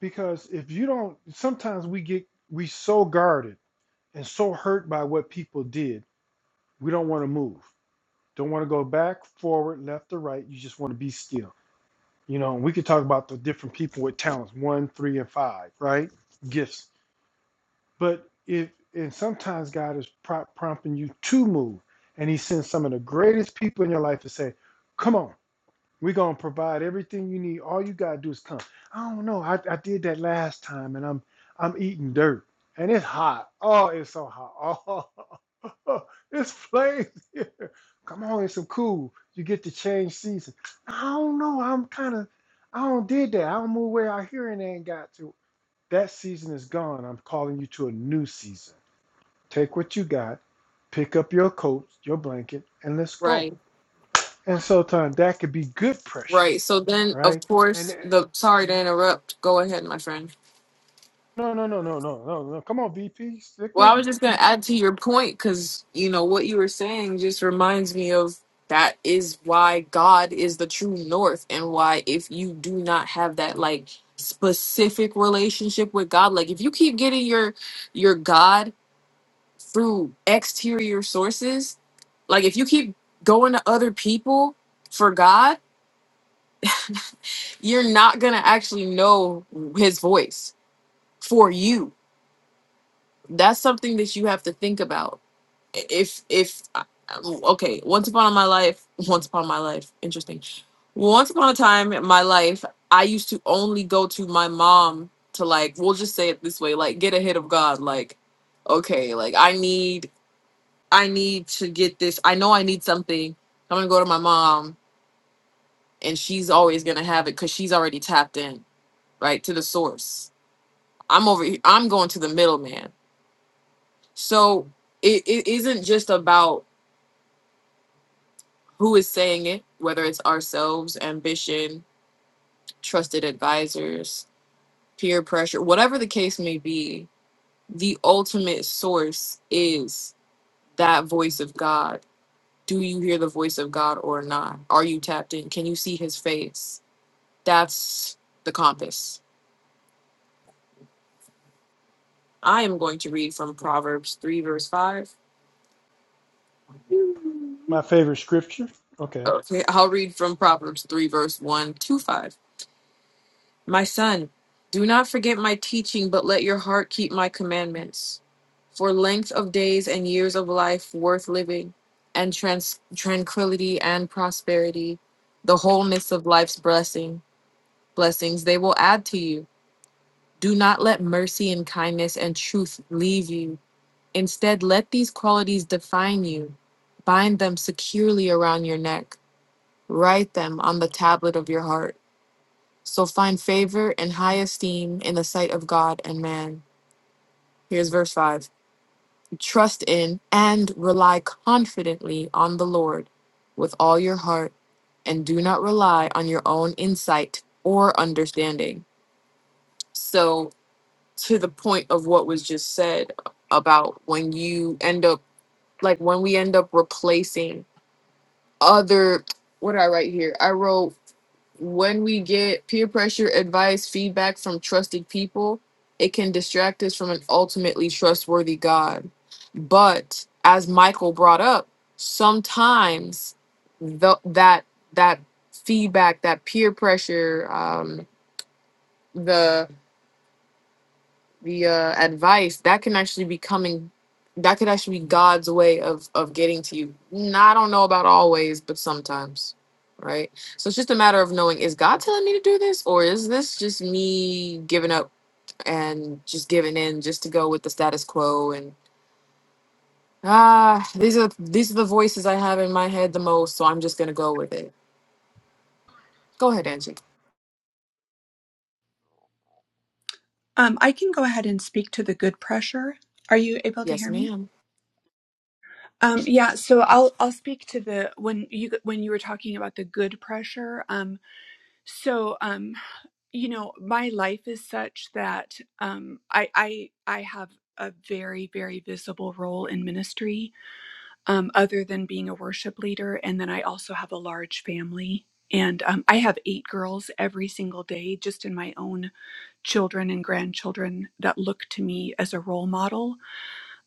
B: because if you don't, sometimes we get we so guarded and so hurt by what people did, we don't want to move, don't want to go back, forward, left, or right. You just want to be still. You know, we could talk about the different people with talents, one, three, and five, right? Gifts But if and sometimes God is pro- prompting you to move, and He sends some of the greatest people in your life to say, "Come on, we're gonna provide everything you need. All you gotta do is come." I don't know. I, I did that last time, and I'm I'm eating dirt, and it's hot. Oh, it's so hot. Oh, it's flames here. Come on, it's some cool. You get to change season. I don't know. I'm kind of. I don't did that. I don't move where I hearing ain't got to. That season is gone. I'm calling you to a new season Take what you got, pick up your coat, your blanket, and let's go.
A: Right.
B: And so, Tom, that could be good pressure,
A: Right. So then, of
B: right? And
A: course, the sorry to interrupt. Go ahead, my friend.
B: no, no, no, no, no, no, no. Come on, VP, stick
A: Well,
B: with
A: I was
B: me.
A: just going to add to your point because, you know, what you were saying just reminds me of that is why God is the true north and why if you do not have that, like, specific relationship with God, like, if you keep getting your your God through exterior sources, like, if you keep going to other people for God, you're not going to actually know his voice for you that's something that you have to think about if if okay once upon my life once upon my life interesting once upon a time in my life i used to only go to my mom to like we'll just say it this way like get a hit of god like okay like i need i need to get this i know i need something i'm gonna go to my mom and she's always gonna have it because she's already tapped in right to the source I'm over. he- I'm going to the middleman. So it, it isn't just about who is saying it, whether it's ourselves, ambition, trusted advisors, peer pressure, whatever the case may be. The ultimate source is that voice of God. Do you hear the voice of God or not? Are you tapped in? Can you see His face? That's the compass. I am going to read from Proverbs three verse five.
B: My favorite scripture. Okay.
A: Okay, I'll read from Proverbs three verse one to five. My son, do not forget my teaching, but let your heart keep my commandments. For length of days and years of life worth living, and trans- tranquility and prosperity, the wholeness of life's blessing, blessings they will add to you. Do not let mercy and kindness and truth leave you. Instead, let these qualities define you. Bind them securely around your neck. Write them on the tablet of your heart. So find favor and high esteem in the sight of God and man. Here's verse 5 Trust in and rely confidently on the Lord with all your heart, and do not rely on your own insight or understanding. So, to the point of what was just said about when you end up, like when we end up replacing other, what did I write here? I wrote when we get peer pressure, advice, feedback from trusted people, it can distract us from an ultimately trustworthy God. But as Michael brought up, sometimes the, that that feedback, that peer pressure, um, the the uh, advice that can actually be coming that could actually be god's way of of getting to you Nah, i don't know about always but sometimes right so it's just a matter of knowing is god telling me to do this or is this just me giving up and just giving in just to go with the status quo and ah these are these are the voices i have in my head the most so i'm just gonna go with it go ahead angie
C: um i can go ahead and speak to the good pressure are you able to
A: yes
C: hear me
A: ma'am
C: um yeah so i'll i'll speak to the when you when you were talking about the good pressure um So, um, you know, my life is such that um, I, I I have a very very visible role in ministry, um, other than being a worship leader, and then I also have a large family. And um, I have eight girls every single day, just in my own children and grandchildren that look to me as a role model.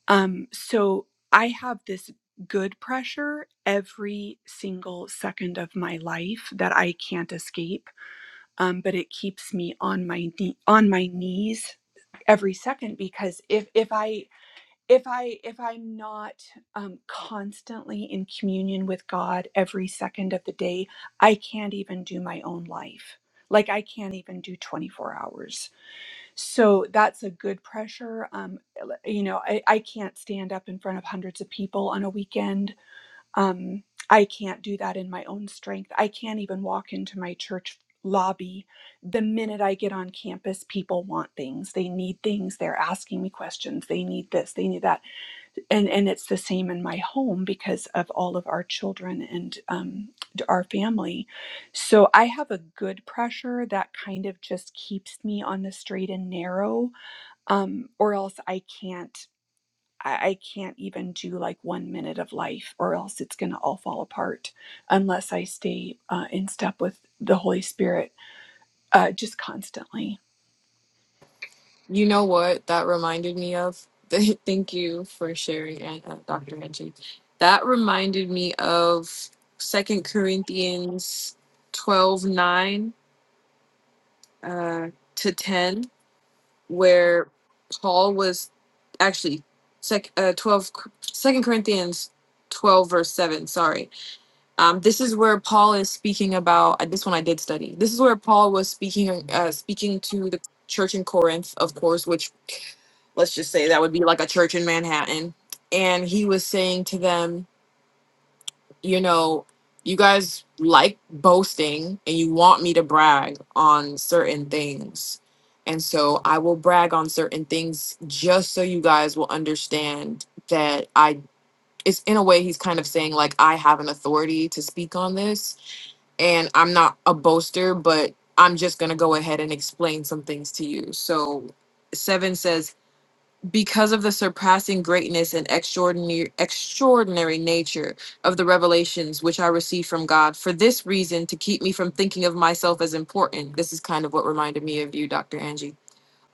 C: Um, so I have this good pressure every single second of my life that I can't escape um, but it keeps me on my knee, on my knees every second because if if I if I if I'm not um, constantly in communion with God every second of the day, I can't even do my own life. Like I can't even do 24 hours. So that's a good pressure. Um, you know, I, I can't stand up in front of hundreds of people on a weekend um, I can't do that in my own strength. I can't even walk into my church lobby. The minute I get on campus, people want things. They need things. They're asking me questions. They need this. They need that. And and it's the same in my home because of all of our children and um, our family. So I have a good pressure that kind of just keeps me on the straight and narrow, um, or else I can't. I, I can't even do like one minute of life, or else it's going to all fall apart unless I stay uh, in step with the Holy Spirit uh, just constantly.
A: You know what that reminded me of? Thank you for sharing, An- uh, Dr. Angie. That reminded me of Second Corinthians 12 9 uh, to 10, where Paul was actually sec, uh, 12, Second Corinthians 12, verse 7, sorry um, this is where Paul is speaking about uh, this one. I did study. This is where Paul was speaking, uh, speaking to the church in Corinth, of course, which let's just say that would be like a church in Manhattan. And he was saying to them, you know, you guys like boasting and you want me to brag on certain things. And so I will brag on certain things just so you guys will understand that I, it's in a way, he's kind of saying, like, I have an authority to speak on this and I'm not a boaster, but I'm just going to go ahead and explain some things to you. So, seven says, because of the surpassing greatness and extraordinary, extraordinary nature of the revelations which I received from God, for this reason, to keep me from thinking of myself as important, this is kind of what reminded me of you, Dr. Angie.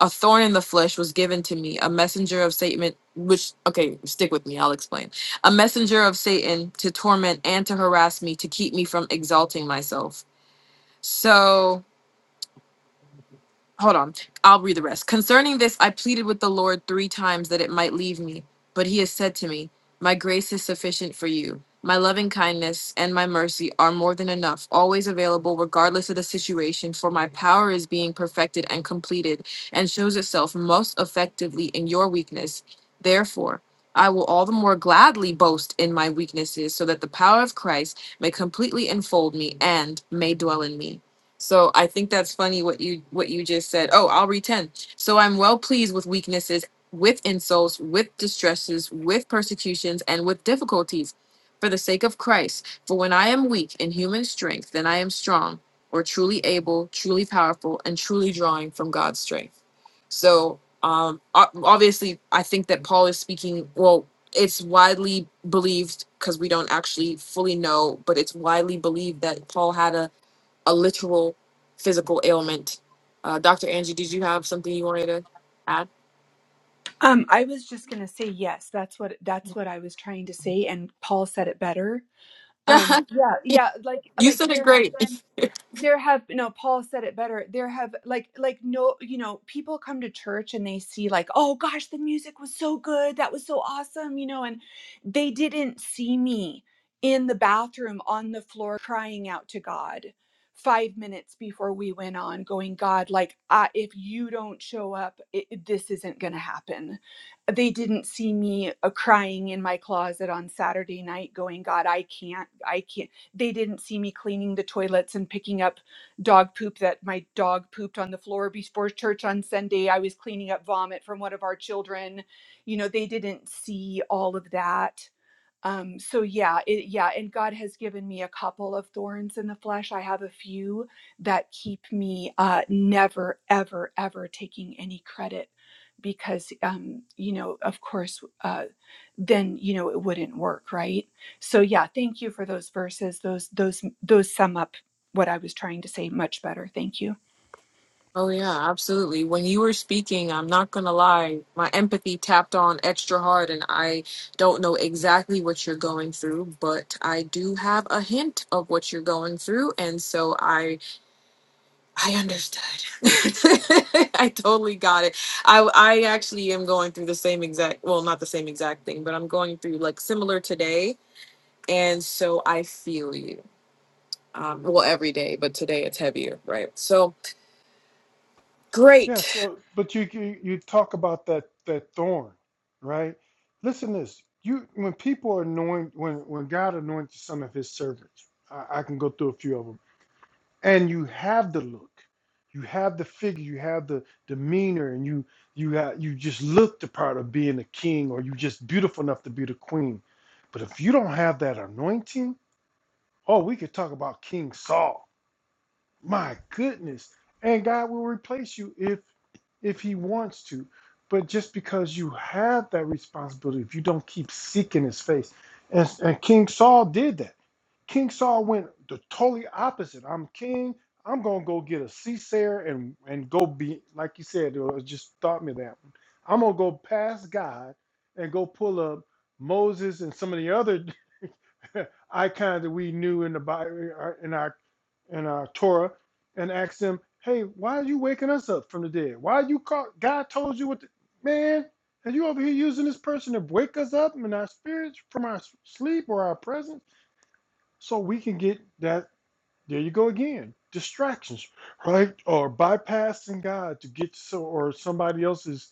A: A thorn in the flesh was given to me, a messenger of Satan, which, okay, stick with me, I'll explain. A messenger of Satan to torment and to harass me, to keep me from exalting myself. So hold on. I'll read the rest. Concerning this, I pleaded with the Lord three times that it might leave me. But he has said to me, My grace is sufficient for you. My loving kindness and my mercy are more than enough, always available regardless of the situation, for my power is being perfected and completed and shows itself most effectively in your weakness. Therefore, I will all the more gladly boast in my weaknesses so that the power of Christ may completely enfold me and may dwell in me. So I think that's funny what you what you just said. Oh, I'll read 10. So I'm well pleased with weaknesses, with insults, with distresses, with persecutions, and with difficulties for the sake of Christ. For when I am weak in human strength, then I am strong or truly able, truly powerful, and truly drawing from God's strength. So um o- obviously I think that Paul is speaking well it's widely believed because we don't actually fully know, but it's widely believed that Paul had a a literal physical ailment. Uh, Dr. Angie, did you have something you wanted to add?
C: Um, I was just going to say yes. That's what that's what I was trying to say, and Paul said it better um yeah yeah like
A: you
C: like
A: said it
C: there have
A: great.
C: been there have no paul said it better there have like like no you know people come to church and they see like oh gosh the music was so good that was so awesome you know and they didn't see me in the bathroom on the floor crying out to god five minutes before we went on going god like I, if you don't show up it, it- this isn't gonna happen they didn't see me uh, crying in my closet on Saturday night going god I can't I can't they didn't see me cleaning the toilets and picking up dog poop that my dog pooped on the floor before church on Sunday I was cleaning up vomit from one of our children you know they didn't see all of that um so yeah it yeah and god has given me a couple of thorns in the flesh i have a few that keep me uh never ever ever taking any credit because um you know of course uh then you know it wouldn't work right so yeah thank you for those verses those those those sum up what i was trying to say much better thank you
A: Oh, yeah, absolutely. When you were speaking, I'm not going to lie, my empathy tapped on extra hard, and I don't know exactly what you're going through, but I do have a hint of what you're going through. And so I I understood. I totally got it. I, I actually am going through the same exact, well, not the same exact thing, but I'm going through like similar today And so I feel you. Um, well, every day, but today it's heavier, right? So
B: Yeah.
A: great.
B: So, but you you, you talk about that that thorn, right? Listen, to this you when people anoint when when God anoints some of His servants, I, I can go through a few of them. and you have the look you have the figure you have the demeanor and you you have you just look the part of being a king or you just beautiful enough to be the queen but if you don't have that anointing oh we could talk about king saul my goodness and god will replace you if if he wants to but just because you have that responsibility if you don't keep seeking his face and, and king saul did that King Saul went the totally opposite. I'm king. I'm gonna go get a Caesar and and go be like you said. It just taught me that. One. I'm gonna go past God and go pull up Moses and some of the other icons that we knew in the Bible in our in our Torah and ask them, "Hey, why are you waking us up from the dead? Why you call? God told you what, to, man, and you over here using this person to wake us up in our spirits from our s- sleep or our presence." so we can get that. There you go again, distractions, right? Or bypassing God to get so, or somebody else's.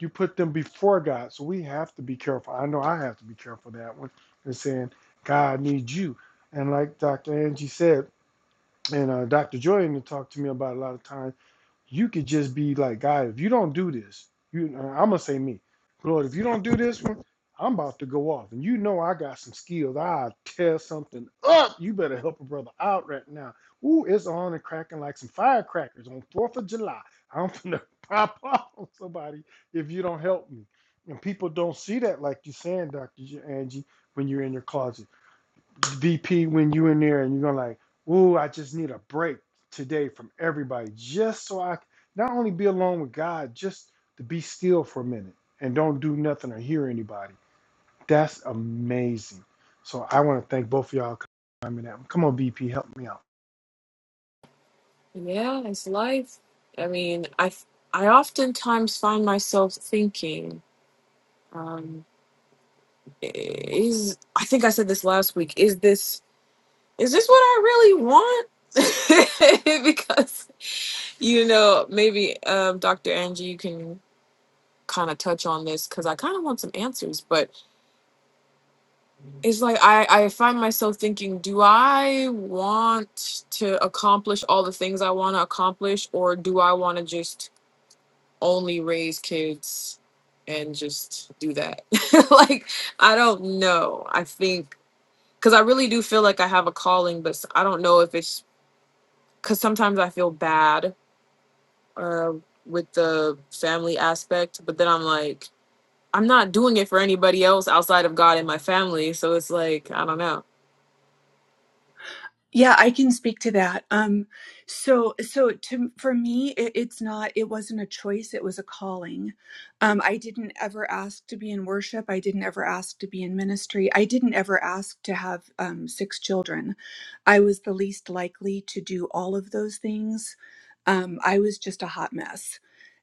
B: You put them before God, so we have to be careful. I know I have to be careful of that one and saying God needs you. And like Dr. Angie said, and uh, Dr. Jordan talked to me about a lot of times you could just be like, God, if you don't do this, you I'm gonna say me, Lord, if you don't do this one, I'm about to go off. And you know I got some skills. I tear something up. You better help a brother out right now. Ooh, it's on and cracking like some firecrackers on Fourth of July. I'm finna pop off on somebody if you don't help me. And people don't see that like you're saying, Dr. Angie, when you're in your closet. VP, when you in there and you're gonna like, ooh, I just need a break today from everybody, just so I can not only be alone with God, just to be still for a minute and don't do nothing or hear anybody. That's amazing. So I want to thank both of y'all. I mean, come on, VP, help me out.
A: Yeah, it's life. I mean, I I oftentimes find myself thinking, um, is I think I said this last week. Is this is this what I really want? because you know, maybe um, Dr. Angie, you can kind of touch on this because I kind of want some answers, but it's like I, I find myself thinking, do I want to accomplish all the things I want to accomplish, or do I want to just only raise kids and just do that? like, I don't know. I think because I really do feel like I have a calling, but s- I don't know if it's because sometimes I feel bad uh, with the family aspect, but then I'm like, I'm not doing it for anybody else outside of God and my family. So it's like, I don't know.
C: Yeah, I can speak to that. Um, so, so to for me, it, it's not. It wasn't a choice. It was a calling. Um, I didn't ever ask to be in worship. I didn't ever ask to be in ministry. I didn't ever ask to have um, six children. I was the least likely to do all of those things. Um, I was just a hot mess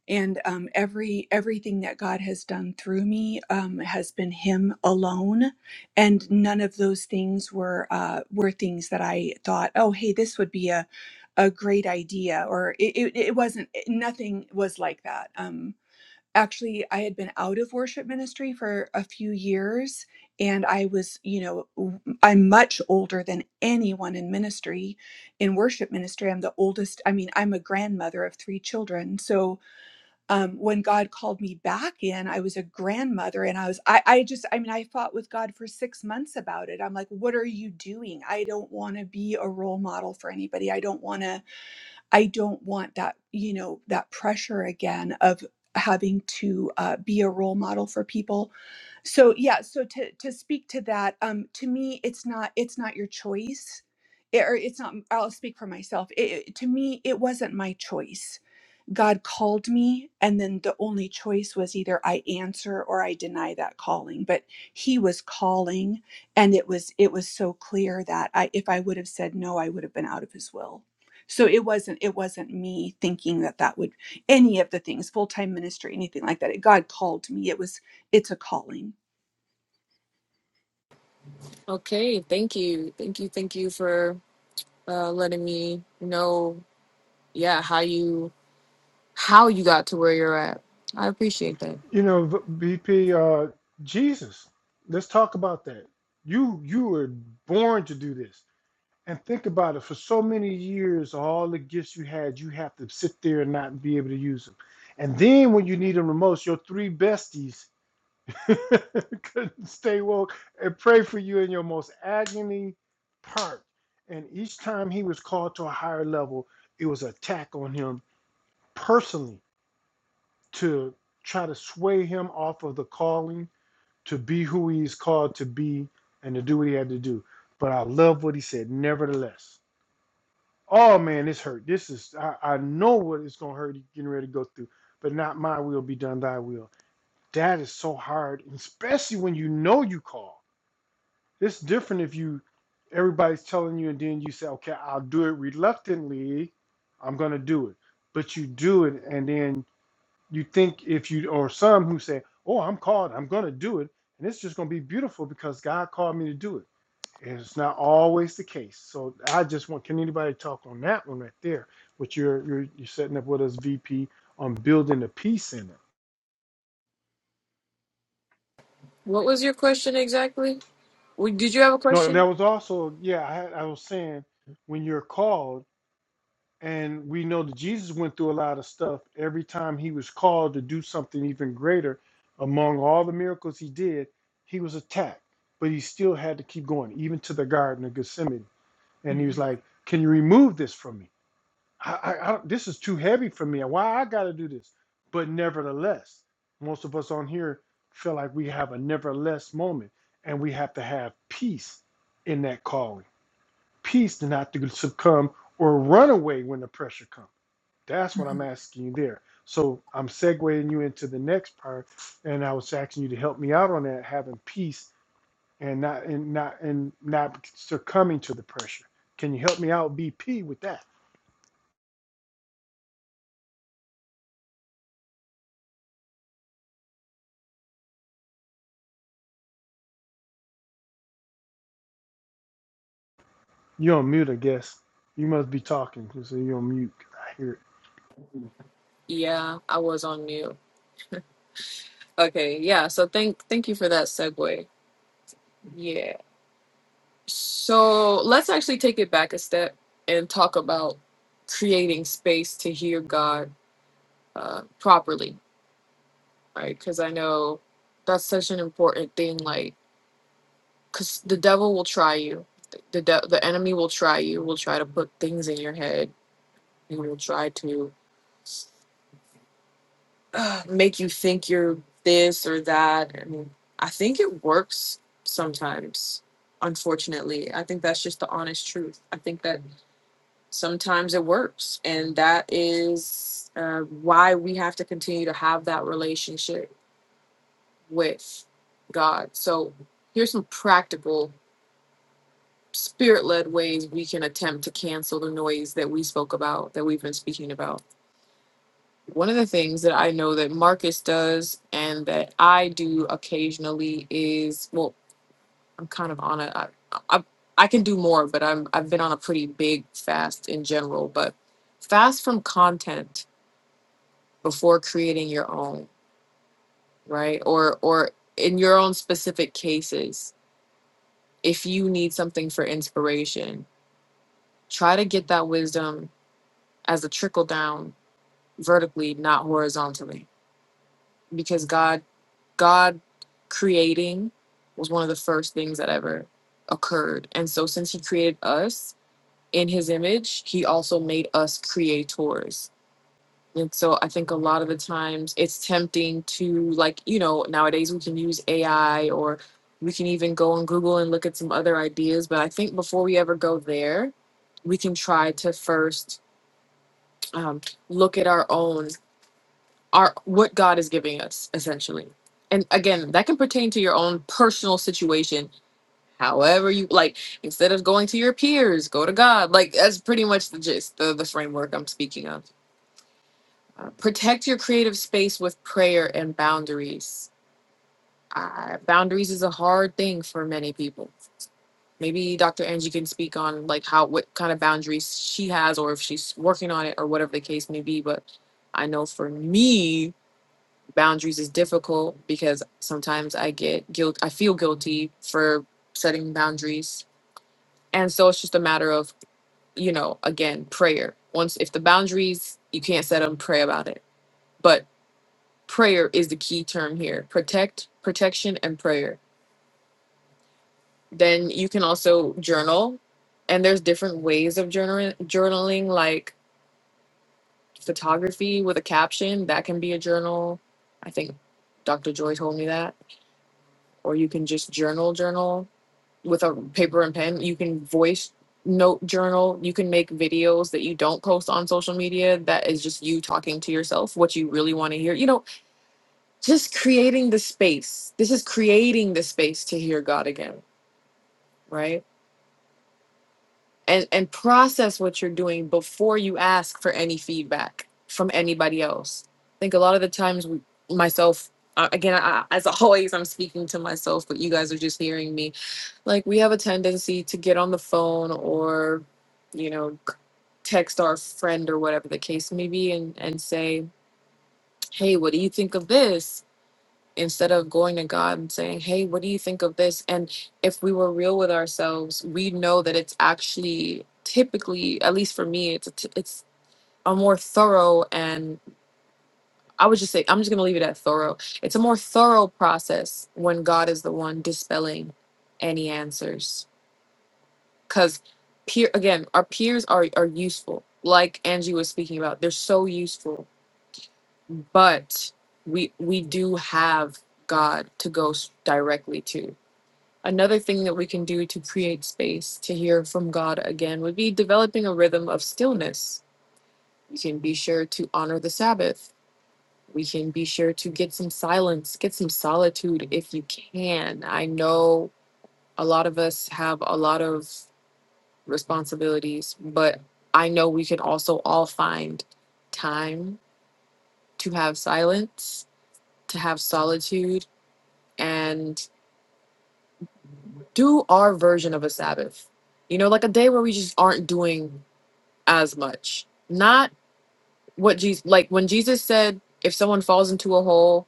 C: and um, every everything that God has done through me um, has been Him alone, and none of those things were uh, were things that I thought, oh, hey, this would be a a great idea, or it it, it wasn't. it- nothing was like that. Um, actually, I had been out of worship ministry for a few years, and I was, you know, w- I'm much older than anyone in ministry, in worship ministry. I'm the oldest. I mean, I'm a grandmother of three children, so um, when God called me back in, I was a grandmother and I was, I, I just, I mean, I fought with God for six months about it. I'm like, what are you doing? I don't want to be a role model for anybody. I don't want to, I don't want that, you know, that pressure again of having to uh, be a role model for people. So yeah, so to, to speak to that, um, to me, it's not, it's not your choice. It, or it's not, I'll speak for myself. It, it- to me, it wasn't my choice God called me, and then the only choice was either I answer or I deny that calling. But He was calling, and it was it was so clear that I, if I would have said no, I would have been out of His will. So it wasn't it wasn't me thinking that that would any of the things full time ministry anything like that. God called me. It was it's a calling.
A: Okay, thank you. Thank you. Thank you for uh, letting me know, yeah, how you how you got to where you're at. I appreciate that.
B: You know, V- VP, uh, Jesus, let's talk about that. You you were born to do this. And think about it. For so many years, all the gifts you had, you have to sit there and not be able to use them. And then when you need them the most, your three besties couldn't stay woke and pray for you in your most agony part. And each time he was called to a higher level, it was an attack on him personally to try to sway him off of the calling to be who he's called to be and to do what he had to do. But I love what he said, nevertheless. Oh man, this hurt. This is I, I know what it's gonna hurt you getting ready to go through, but not my will be done, thy will. That is so hard, especially when you know you call. It's different if you everybody's telling you and then you say, Okay, I'll do it reluctantly, I'm gonna do it. But you do it and then you think if you or some who say, Oh, I'm called, I'm gonna do it, and it's just gonna be beautiful because God called me to do it. And it's not always the case. So I just want, can anybody talk on that one right there? What you're you're, you're setting up with us VP on building the peace in it.
A: What was your question exactly? W- Did you have a
B: No, and that
A: question?
B: was also, yeah, I, had- I was saying when you're called, and we know that Jesus went through a lot of stuff every time he was called to do something even greater. Among all the miracles he did, he was attacked, but he still had to keep going, even to the Garden of Gethsemane. And he was
C: Mhm.
B: like, Can you remove this from me? I, I, I this is too heavy for me. Why I got to do this? But nevertheless, most of us on here feel like we have a nevertheless moment, and we have to have peace in that calling, peace to not to succumb or run away when the pressure comes. That's what I'm asking you there. So I'm segueing you into the next part, and I was asking you to help me out on that, having peace and not and not and not succumbing to the pressure. Can you help me out, BP, with that? You're on mute, I guess. You must be talking because you're on mute. I hear it.
A: Yeah, I was on mute. Okay, yeah. So thank thank you for that segue. Yeah. So let's actually take it back a step and talk about creating space to hear God uh, properly, right? Because I know that's such an important thing. Like because the devil will try you. The, de- the enemy will try you, will try to put things in your head. He will try to uh, make you think you're this or that. And I think it works sometimes, unfortunately. I think that's just the honest truth. I think that sometimes it works. And that is uh, why we have to continue to have that relationship with God. So here's some practical. spirit led ways we can attempt to cancel the noise that we spoke about, that we've been speaking about. One of the things that I know that Marcus does and that I do occasionally is well, I'm kind of on a, I, I, I can do more, but I'm, I've been on a pretty big fast in general, but fast from content before creating your own, right? Or, or in your own specific cases, if you need something for inspiration, try to get that wisdom as a trickle down vertically, not horizontally, because God God creating was one of the first things that ever occurred. And so since he created us in his image, he also made us creators. And so I think a lot of the times it's tempting to like, you know, nowadays we can use AI or we can even go on Google and look at some other ideas, but I think before we ever go there, we can try to first um, look at our own our what God is giving us essentially. And again, that can pertain to your own personal situation. However, you like instead of going to your peers, go to God. Like that's pretty much the gist, the the framework I'm speaking of. Uh, protect your creative space with prayer and boundaries. Uh, boundaries is a hard thing for many people. Maybe Dr. Angie can speak on like how what kind of boundaries she has, or if she's working on it, or whatever the case may be. But I know for me, boundaries is difficult because sometimes I get guilt. I feel guilty for setting boundaries. And so it's just a matter of, you know, again, prayer. Once, if the boundaries, you can't set them, pray about it. But prayer is the key term here protect, protection, and prayer. Then you can also journal. And there's different ways of journaling, journaling like photography with a caption. That can be a journal. I think Dr. Joy told me that. Or you can just journal, journal with a paper and pen. You can voice note journal. You can make videos that you don't post on social media that is just you talking to yourself, what you really want to hear. You know, just creating the space. This is creating the space to hear God again, right? And and process what you're doing before you ask for any feedback from anybody else. I think a lot of the times we, myself uh, again I, as always I'm speaking to myself but you guys are just hearing me like we have a tendency to get on the phone or you know c- text our friend or whatever the case may be and and say hey what do you think of this instead of going to god and saying hey what do you think of this and if we were real with ourselves we know that it's actually typically at least for me it's a t- it's a more thorough and i would just say i'm just going to leave it at thorough it's a more thorough process when god is the one dispelling any answers because peer again our peers are are useful like angie was speaking about they're so useful but we we do have god to go s- directly to another thing that we can do to create space to hear from god again would be developing a rhythm of stillness we can be sure to honor the sabbath we can be sure to get some silence get some solitude if you can i know a lot of us have a lot of responsibilities, but I know we can also all find time to have silence, to have solitude, and do our version of a Sabbath. You know, like a day where we just aren't doing as much. Not what Jesus, like when Jesus said, if someone falls into a hole,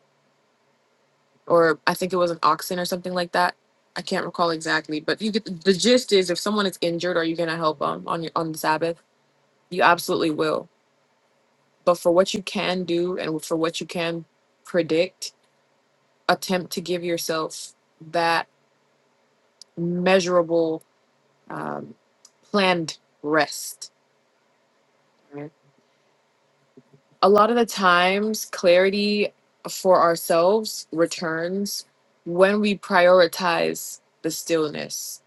A: or I think it was an oxen or something like that. I can't recall exactly, but you get the gist is if someone is injured, are you going to help them on your, on the Sabbath? You absolutely will But for what you can do and for what you can predict, attempt to give yourself that measurable um, planned rest. right? A lot of the times, clarity for ourselves returns when we prioritize the stillness.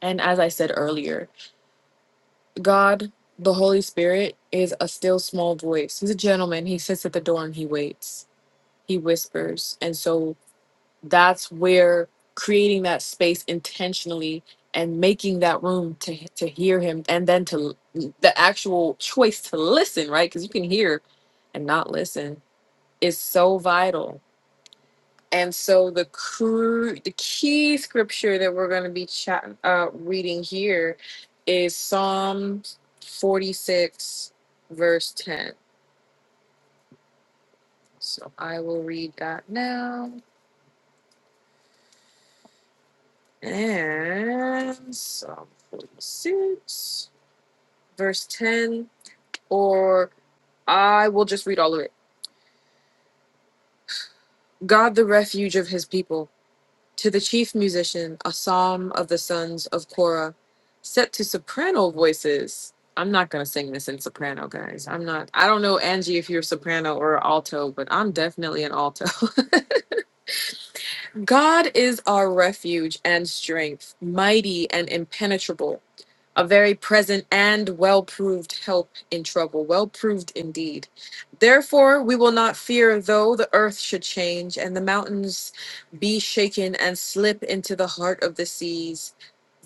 A: And as I said earlier, God, the Holy Spirit, is a still small voice. He's a gentleman. He sits at the door and he waits. He whispers. And so that's where creating that space intentionally and making that room to to hear him and then to l- the actual choice to listen right because you can hear and not listen is so vital and so the cru- the key scripture that we're going to be chat- uh, reading here is psalms 46 verse 10 so i will read that now and psalm 46 verse 10, or I will just read all of it. God, the refuge of his people, to the chief musician, a psalm of the sons of Korah, set to soprano voices. I'm not going to sing this in soprano, guys. I'm not, I don't know, Angie, if you're soprano or alto, but I'm definitely an alto. God is our refuge and strength, mighty and impenetrable. a very present and well proved help in trouble, well proved indeed. Therefore, we will not fear though the earth should change and the mountains be shaken and slip into the heart of the seas,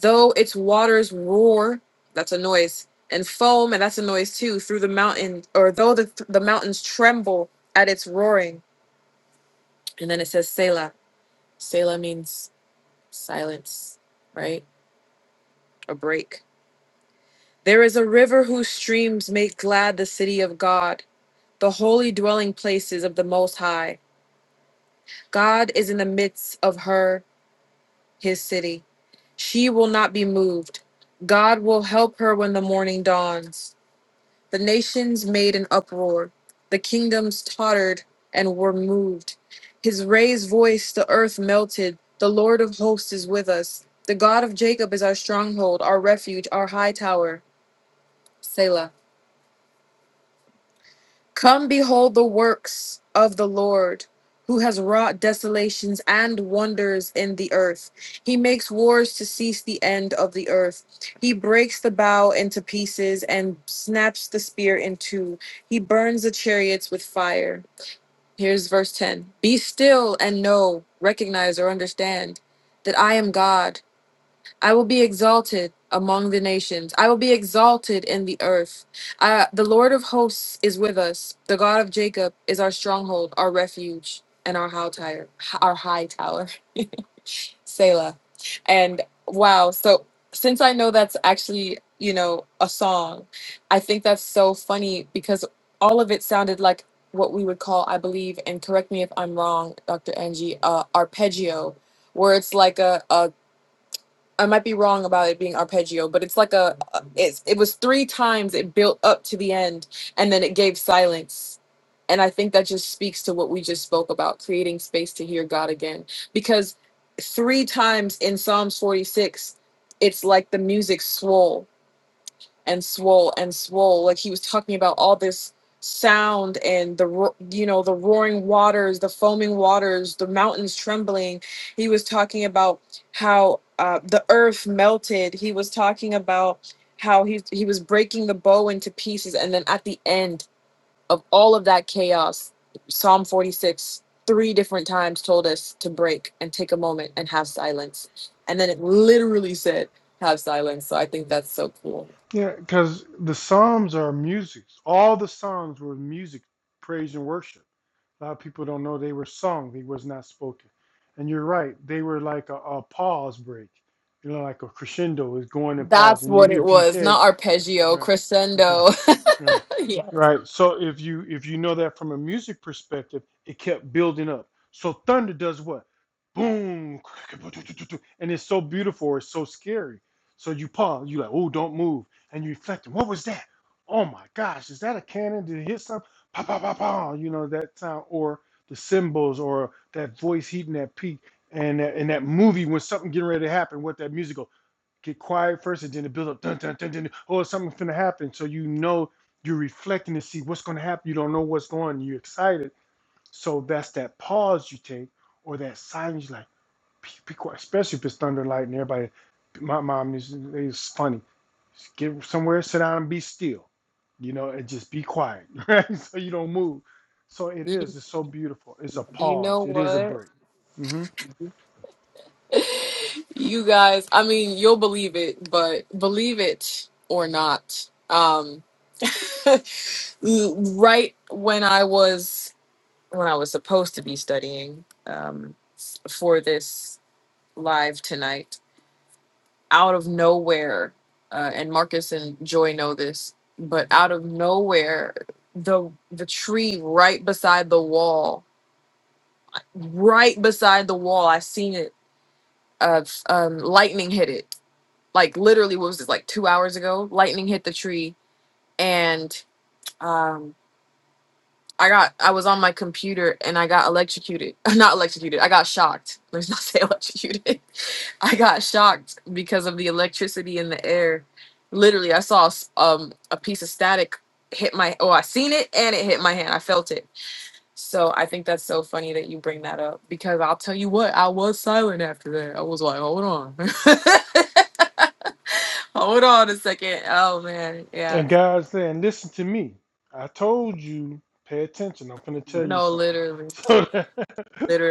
A: though its waters roar, that's a noise, and foam, and that's a noise too, through the mountain, or though the, the mountains tremble at its roaring. And then it says Selah. Selah means silence, right? A break There is a river whose streams make glad the city of God, the holy dwelling places of the Most High. God is in the midst of her, his city. She will not be moved. God will help her when the morning dawns. The nations made an uproar, the kingdoms tottered and were moved. His raised voice, the earth melted. The Lord of hosts is with us. The God of Jacob is our stronghold, our refuge, our high tower. Selah. Come behold the works of the Lord, who has wrought desolations and wonders in the earth. He makes wars to cease the end of the earth. He breaks the bow into pieces and snaps the spear in two. He burns the chariots with fire. Here's verse 10 Be still and know, recognize, or understand that I am God. I will be exalted among the nations. I will be exalted in the earth. I, the Lord of hosts is with us. The God of Jacob is our stronghold, our refuge, and our high tower. Our high tower, Selah. And wow, so since I know that's actually you know a song, I think that's so funny because all of it sounded like what we would call, I believe, and correct me if I'm wrong, Dr. Angie, uh, arpeggio, where it's like a, a I might be wrong about it being arpeggio, but it's like a it's it was three times it built up to the end and then it gave silence. And I think that just speaks to what we just spoke about, creating space to hear God again. Because three times in Psalms 46, it's like the music swole and swole and swole. Like he was talking about all this sound and the ro- you know the roaring waters, the foaming waters, the mountains trembling. He was talking about how uh, the earth melted. He was talking about how he he was breaking the bow into pieces, and then at the end of all of that chaos, Psalm forty six three different times told us to break and take a moment and have silence and then it literally said have silence so i think that's so cool
B: Yeah, because the Psalms are music. All the Psalms were music, praise and worship. A lot of people don't know they were sung. They was not spoken. And you're right. They were like a, a pause break. You know, like a crescendo is going and pause.
A: That's
B: And
A: what
B: you,
A: it
B: if you
A: was,
B: said,
A: not arpeggio,
B: you're right.
A: crescendo.
B: Yeah.
A: yes.
B: Right. So if you if you know that from a music perspective, it kept building up. So thunder does what? Boom. And it's so beautiful, or it's so scary. So you pause, you like, oh, don't move. And you reflect, what was that? Oh my gosh, is that a cannon? Did it hit something? Pa pa pa pa. You know, that sound or the cymbals or that voice hitting that peak and that, and that movie when something getting ready to happen, what that music go get quiet first and then it builds up dun, dun, dun, dun, oh something's gonna happen so you know you're reflecting to see what's gonna happen you don't know what's going on. you're excited so that's that pause you take or that silence you're like be, be quiet especially if it's thunder and lightning everybody my mom is is funny Just get somewhere sit down and be still you know and just be quiet right so you don't move so it is
A: You,
B: it's so beautiful it's a
A: you
B: pause
A: know
B: it is a
A: what?
B: break Mm-hmm.
A: You guys, I mean, you'll believe it, but believe it or not. Um right when I was when I was supposed to be studying um for this live tonight, out of nowhere, uh, and Marcus and Joy know this, but out of nowhere, the the tree right beside the wall right beside the wall. I seen it. Uh, um, lightning hit it. Like literally, what was this? Like two hours ago, lightning hit the tree, and um, I got. I was on my computer and I got electrocuted. Not electrocuted. I got shocked. Let's not say electrocuted. I got shocked because of the electricity in the air. Literally, I saw a s- um a piece of static hit my. Oh, I seen it and it hit my hand. I felt it So I think that's so funny that you bring that up because I'll tell you what, I was silent after that. I was like, hold on. hold on a second. Oh man. Yeah.
B: And God's saying, listen to me. I told you, pay attention. I'm finna tell you
A: No,
B: something.
A: literally.
B: So that,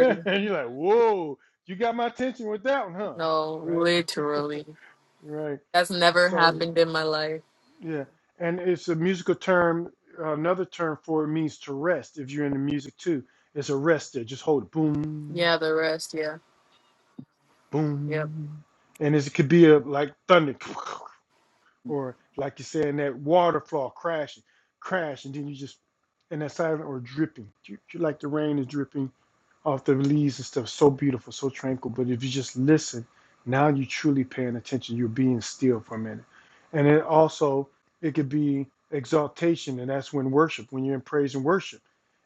B: and you're like, whoa, you got my attention with that one, huh?
A: No,
B: Right,
A: literally.
B: right.
A: That's never
B: So y-
A: happened in my life.
B: yeah, and it's a musical term. Another term for it means to rest. If you're into music too, it's a rest there. Just hold it, boom,
A: Yeah, the rest, yeah. Yep.
B: boom, and it's, it could be a like thunder. or like you said in that water flow crashing, crash, and then you just and that silent or dripping, You like the rain is dripping of the leaves and stuff, so beautiful, so tranquil. But if you just listen, now you're truly paying attention. You're being still for a minute. And then also, it could be exaltation, and that's when worship, when you're in praise and worship.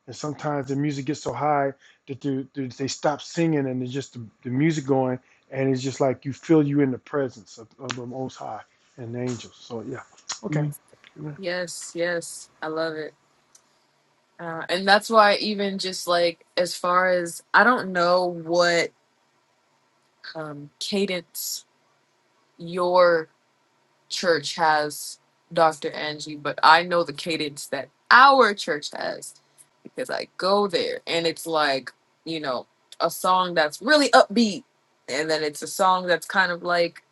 B: And sometimes the music gets so high that the, the, they stop singing and it's just the, the music going, and it's just like you feel you in the presence of, of the Most High and the angels. So, yeah. Okay. Amen.
A: Yes, yes. I love it. Uh, and that's why even just like as far as I don't know what um cadence your church has Dr. Angie, but I know the cadence that our church has because I go there and it's like, you know, a song that's really upbeat and then it's a song that's kind of like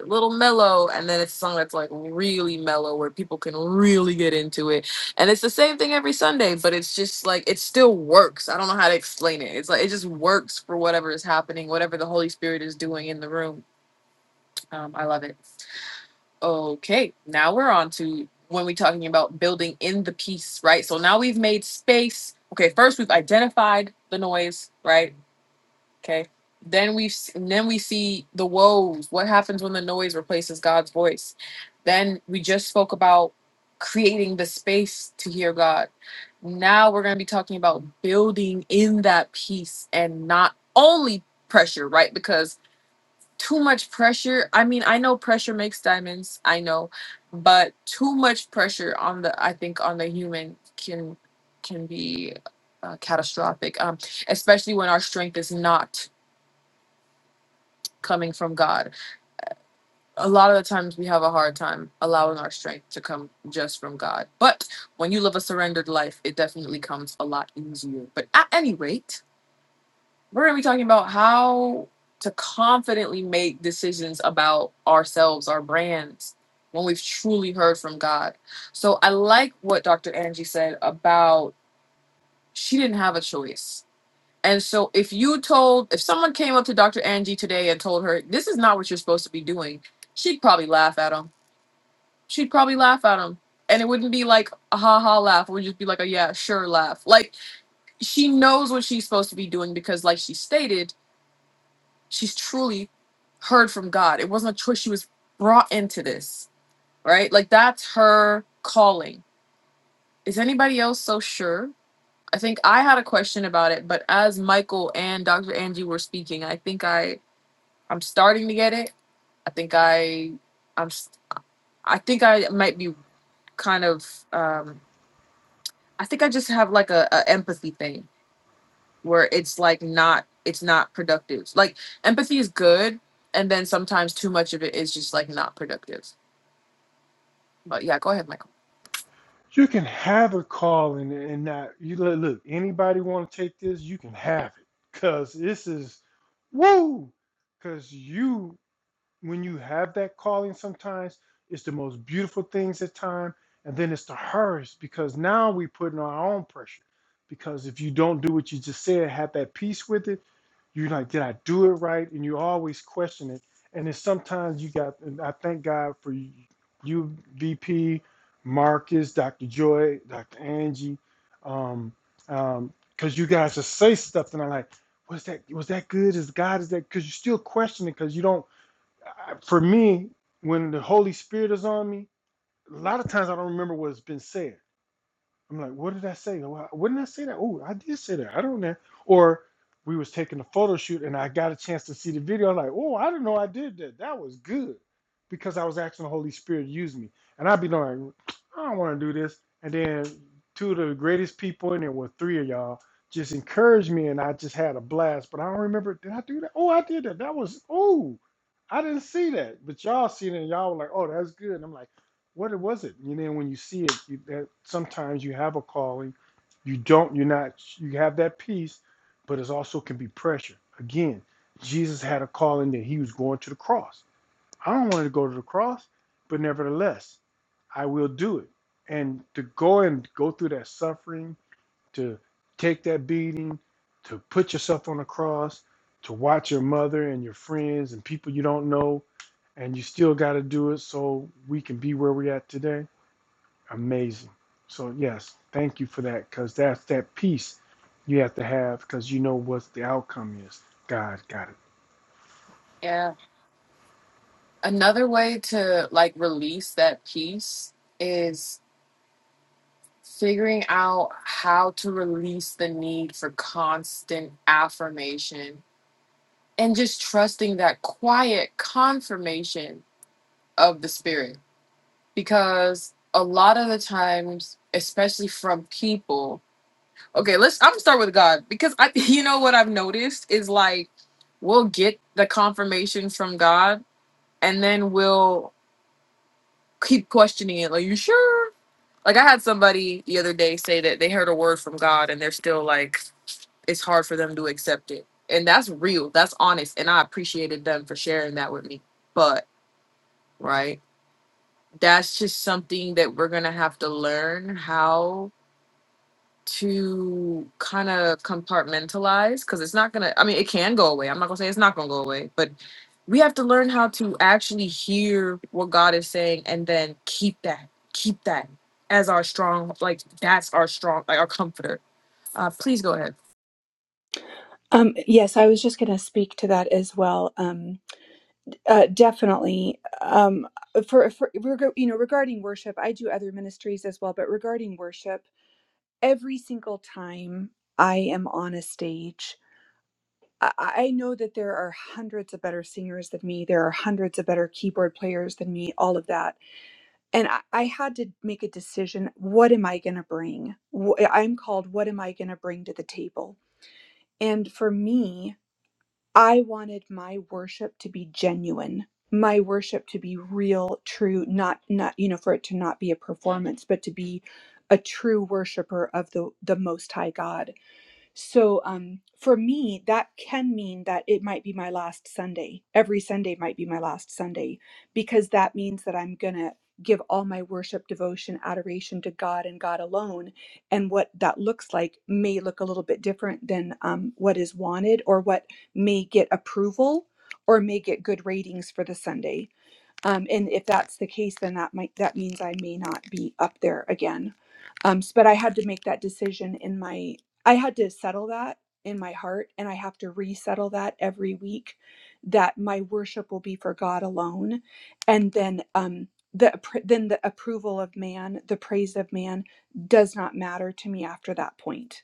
A: a little mellow and then it's a song that's like really mellow where people can really get into it. And it's the same thing every Sunday, but it's just like it still works. I don't know how to explain it. It's like it just works for whatever is happening, whatever the Holy Spirit is doing in the room. Um, I love it. Okay, now we're on to when we're talking about building in the piece, right? So now we've made space. Okay, first we've identified the noise, right? Okay. Then we s- and then we see the woes. What happens when the noise replaces God's voice? Then we just spoke about creating the space to hear God. Now we're going to be talking about building in that peace and not only pressure, right? Because too much pressure. I mean, I know pressure makes diamonds, I know, but too much pressure on the I think on the human can can be uh, catastrophic. Um especially when our strength is not coming from God. A lot of the times we have a hard time allowing our strength to come just from God. But when you live a surrendered life, it definitely comes a lot easier. But at any rate, We're going to be talking about how to confidently make decisions about ourselves, our brands, when we've truly heard from God. So I like what Dr. Angie said about she didn't have a choice. And so if you told, if someone came up to Dr. Angie today and told her, this is not what you're supposed to be doing, she'd probably laugh at him. She'd probably laugh at him. And it wouldn't be like a ha ha laugh. It would just be like a yeah, sure laugh. Like she knows what she's supposed to be doing because, like she stated, she's truly heard from God. It wasn't a choice. She was brought into this, right? Like that's her calling. Is anybody else so sure? I think I had a question about it, but as Michael and Dr. Angie were speaking, I think I I'm starting to get it. I think I I'm s- I think I might be kind of um I think I just have like a, a empathy thing where it's like not it's not productive. Like empathy is good and then sometimes too much of it is just like not productive But yeah, go ahead, Michael.
B: You can have a call and and not you look, look anybody want to take this, you can have it. Cause this is woo. Cause you when you have that calling sometimes it's the most beautiful things at time and then it's the hardest because now we putting our own pressure. Because if you don't do what you just said, have that peace with it, you like did i do it right and you always question it and then sometimes you got and i thank god for you vp marcus dr joy dr angie um um because you guys just say stuff and i'm like was that was that good is god is that because you still question it because you don't I- for me when the holy spirit is on me a lot of times i don't remember what's been said I'm like, what did I say? Why- Wouldn't I say that? Oh, I did say that. I don't know. Or we was taking a photo shoot and I got a chance to see the video. I'm like, oh, I didn't know I did that. That was good because I was asking the Holy Spirit to use me. And I'd be like, I don't want to do this. And then two of the greatest people, and there were three of y'all, just encouraged me and I just had a blast. But I don't remember, did I do that? Oh, I did that. That was, oh, I didn't see that. But y'all seen it and y'all were like, oh, that's good. And I'm like, what it was it you know when you see it you, that sometimes you have a calling you don't you're not you have that peace but it also can be pressure again jesus had a calling that he was going to the cross i don't want to go to the cross but nevertheless i will do it and to go and go through that suffering to take that beating, to put yourself on a cross, to watch your mother and your friends and people you don't know, and you still got to do it so we can be where we're at today. Amazing. So, yes, thank you for that because that's that peace you have to have because you know what the outcome is. God got it.
A: Yeah. Another way to like release that piece is figuring out how to release the need for constant affirmation and just trusting that quiet confirmation of the spirit. Because a lot of the times, especially from people, okay, let's I'm gonna start with God because I you know what I've noticed is like we'll get the confirmation from God and then we'll keep questioning it. Like, you sure? Like, I had somebody the other day say that they heard a word from God and they're still like, it's hard for them to accept it. And that's real. That's honest. And I appreciated them for sharing that with me. But, right? That's just something that we're going to have to learn how to kind of compartmentalize because it's not gonna i mean it can go away i'm not gonna say it's not gonna go away but we have to learn how to actually hear what god is saying and then keep that keep that as our strong like that's our strong like our comforter uh please go ahead
C: Um, yes, I was just going to speak to that as well. Um, uh, definitely. Um, for, for reg- you know, regarding worship, I do other ministries as well, but regarding worship, every single time I am on a stage, I, I know that there are hundreds of better singers than me. There are hundreds of better keyboard players than me. All of that. and I, I had to make a decision what am i going to bring Wh- eh, i'm called what am i going to bring to the table and for me i wanted my worship to be genuine my worship to be real true not not you know for it to not be a performance but to be a true worshiper of the the most high god so um, for me, that can mean that it might be my last Sunday. Every Sunday might be my last Sunday because that means that I'm going to give all my worship, devotion, adoration to God and God alone. And what that looks like may look a little bit different than um, what is wanted or what may get approval or may get good ratings for the Sunday. Um, and if that's the case, then that might that means I may not be up there again. Um, s- but I had to make that decision in my I had to settle that in my heart, and I have to resettle that every week that my worship will be for God alone, and then um, the appr- then the approval of man, the praise of man, does not matter to me after that point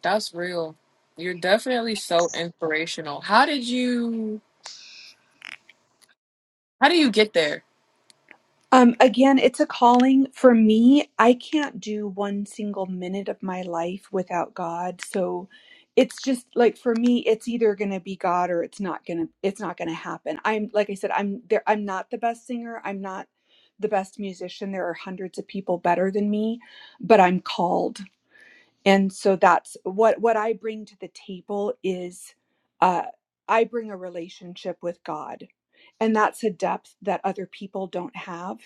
A: that's real you're definitely so inspirational how did you how do you get there
C: Um, again, it's a calling for me. I can't do one single minute of my life without God. So it's just like for me, it's either going to be God or it's not going to it's not going to happen. I'm like I said, I'm there I'm not the best singer. I'm not the best musician. There are hundreds of people better than me, but I'm called. And so that's what what I bring to the table is uh I bring a relationship with God. And that's a depth that other people don't have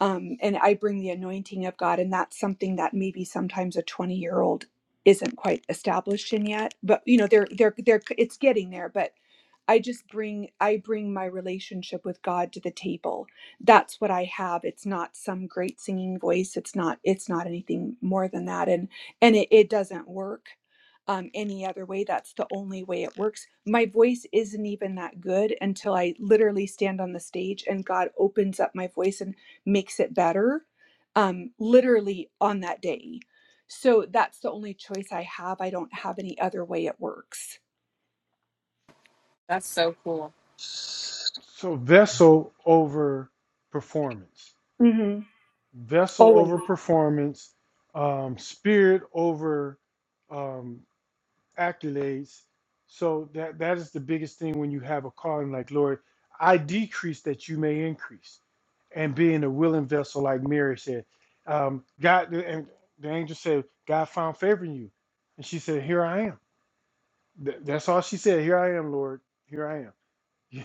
C: um, and I bring the anointing of God, and that's something that maybe sometimes a 20 year old isn't quite established in yet. But you know, they're they're they're it's getting there. But I just bring I bring my relationship with God to the table. That's what I have. It's not some great singing voice. It's not it's not anything more than that. And and it, it doesn't work um, any other way. That's the only way it works. My voice isn't even that good until I literally stand on the stage and God opens up my voice. And makes it better um, literally on that day. So that's the only choice I have. I don't have any other way it works.
A: that's so cool
B: So, vessel over performance,
C: hmm
B: vessel
C: Always.
B: over performance, um, spirit over. um, accolades. So that that is the biggest thing when you have a calling like Lord, I decrease that you may increase, and being a willing vessel like Mary said, um, God and the angel said, God found favor in you, and she said, Here I am. Th- that's all she said. Here I am, Lord. Here I am.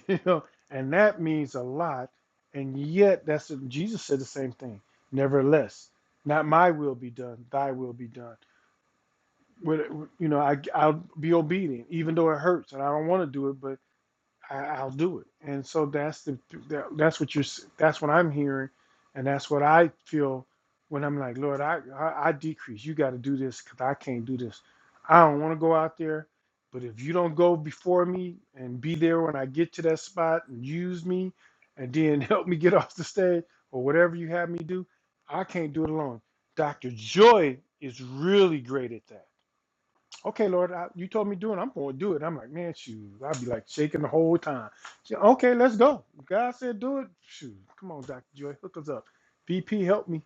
B: You know, and that means a lot. And yet, that's Jesus said the same thing. Nevertheless, not my will be done, Thy will be done with you know, I I'll be obedient, even though it hurts, and I don't want to do it, but I, I'll do it. And so that's the that, that's what you're s- that's what I'm hearing, and that's what I feel when I'm like, Lord, I I, I decrease. You got to do this because I can't do this. I don't want to go out there, but if you don't go before me and be there when I get to that spot and use me, and then help me get off the stage or whatever you have me do, I can't do it alone. Dr. Joy is really great at that okay, Lord, I, you told me do it. I'm going to do it. I'm like, man, shoot. I'll be like shaking the whole time. She, okay, let's go. God said do it. Shoot. Come on, Dr. Joy, hook us up. VP, help me.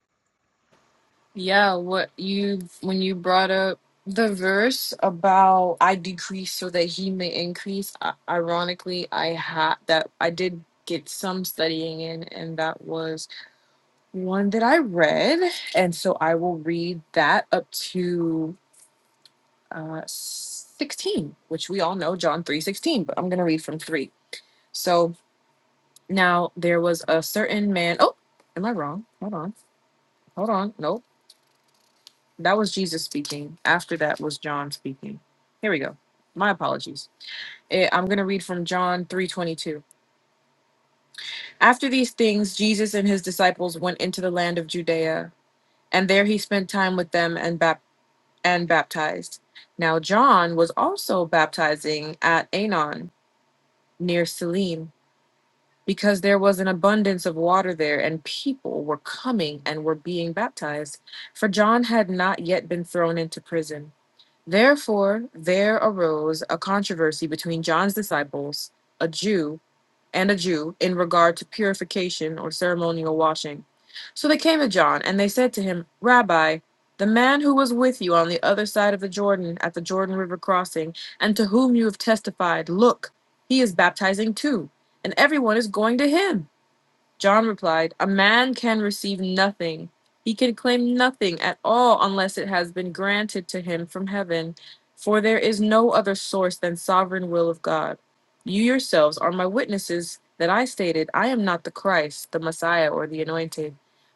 A: Yeah, what you when you brought up the verse about I decrease so that he may increase. I, ironically, I had that I did get some studying in, and that was one that I read, and so I will read that up to uh, sixteen, which we all know John three sixteen. But I'm gonna read from three. So now there was a certain man. Oh, am I wrong? Hold on, hold on. Nope. That was Jesus speaking. After that was John speaking. Here we go. My apologies. Eh, I'm going to read from John 3:22. After these things Jesus and his disciples went into the land of Judea, and there he spent time with them and bap- and baptized. Now John was also baptizing at Anon near Salim because there was an abundance of water there and people were coming and were being baptized for John had not yet been thrown into prison. Therefore, there arose a controversy between John's disciples, a Jew and a Jew, in regard to purification or ceremonial washing. So they came to John, and they said to him, Rabbi, the man who was with you on the other side of the Jordan at the Jordan River crossing, and to whom you have testified, look, he is baptizing too, and everyone is going to him. John replied, A man can receive nothing. He can claim nothing at all unless it has been granted to him from heaven, for there is no other source than sovereign will of God. You yourselves are my witnesses that I stated, I am not the Christ, the Messiah, or the anointed,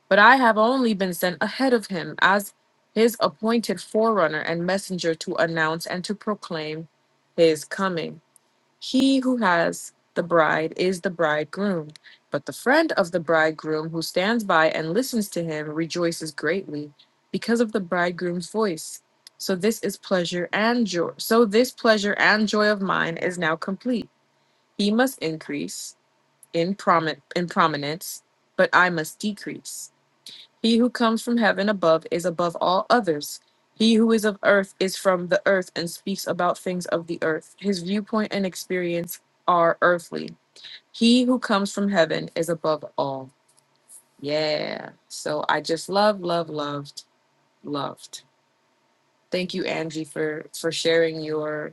A: but I have only been sent ahead of him as his appointed forerunner and messenger to announce and to proclaim his coming. He who has the bride is the bridegroom, but the friend of the bridegroom who stands by and listens to him rejoices greatly because of the bridegroom's voice. So this is pleasure and joy. So this pleasure and joy of mine is now complete. He must increase in promi- in prominence, but I must decrease. He who comes from heaven above is above all others. He who is of earth is from the earth and speaks about things of the earth. His viewpoint and experience are earthly. He who comes from heaven is above all. Yeah. So I just love, love, loved, loved. Thank you, Angie, for for sharing your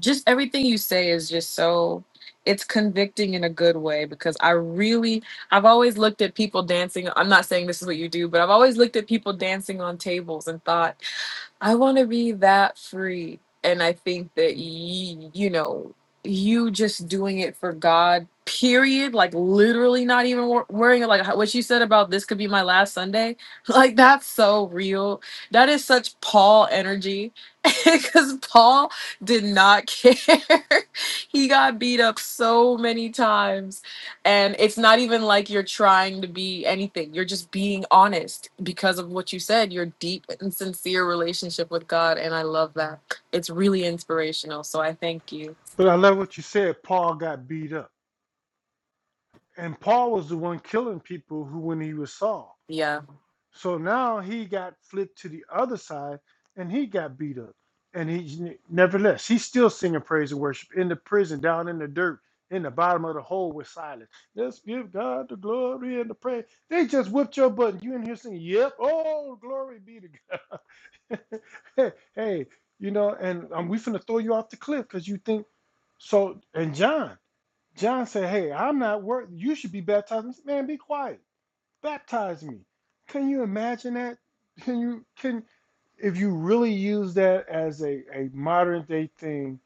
A: just everything you say is just so it's convicting in a good way because I really I've always looked at people dancing. I'm not saying this is what you do, but I've always looked at people dancing on tables and thought I want to be that free. And I think that, y- you know, you just doing it for God, period, like literally not even wor- worrying, like how- what you said about this could be my last Sunday. Like, that's so real. That is such Paul energy because Paul did not care. he got beat up so many times and it's not even like you're trying to be anything. You're just being honest because of what you said, your deep and sincere relationship with God. And I love that. It's really inspirational. So I thank you.
B: But I love what you said. Paul got beat up. And Paul was the one killing people who when he was Saul.
A: Yeah.
B: So now he got flipped to the other side and he got beat up. And he nevertheless, he's still singing praise and worship in the prison, down in the dirt, in the bottom of the hole with silence. Let's give God the glory and the praise. They just whipped your butt and you in here singing, Yep, oh, glory be to God. hey, hey, you know, and um, we finna throw you off the cliff because you think so. And John, John said, Hey, I'm not worth you should be baptized. Man, be quiet. Baptize me. Can you imagine that? Can you can if you really use that as a, a modern day thing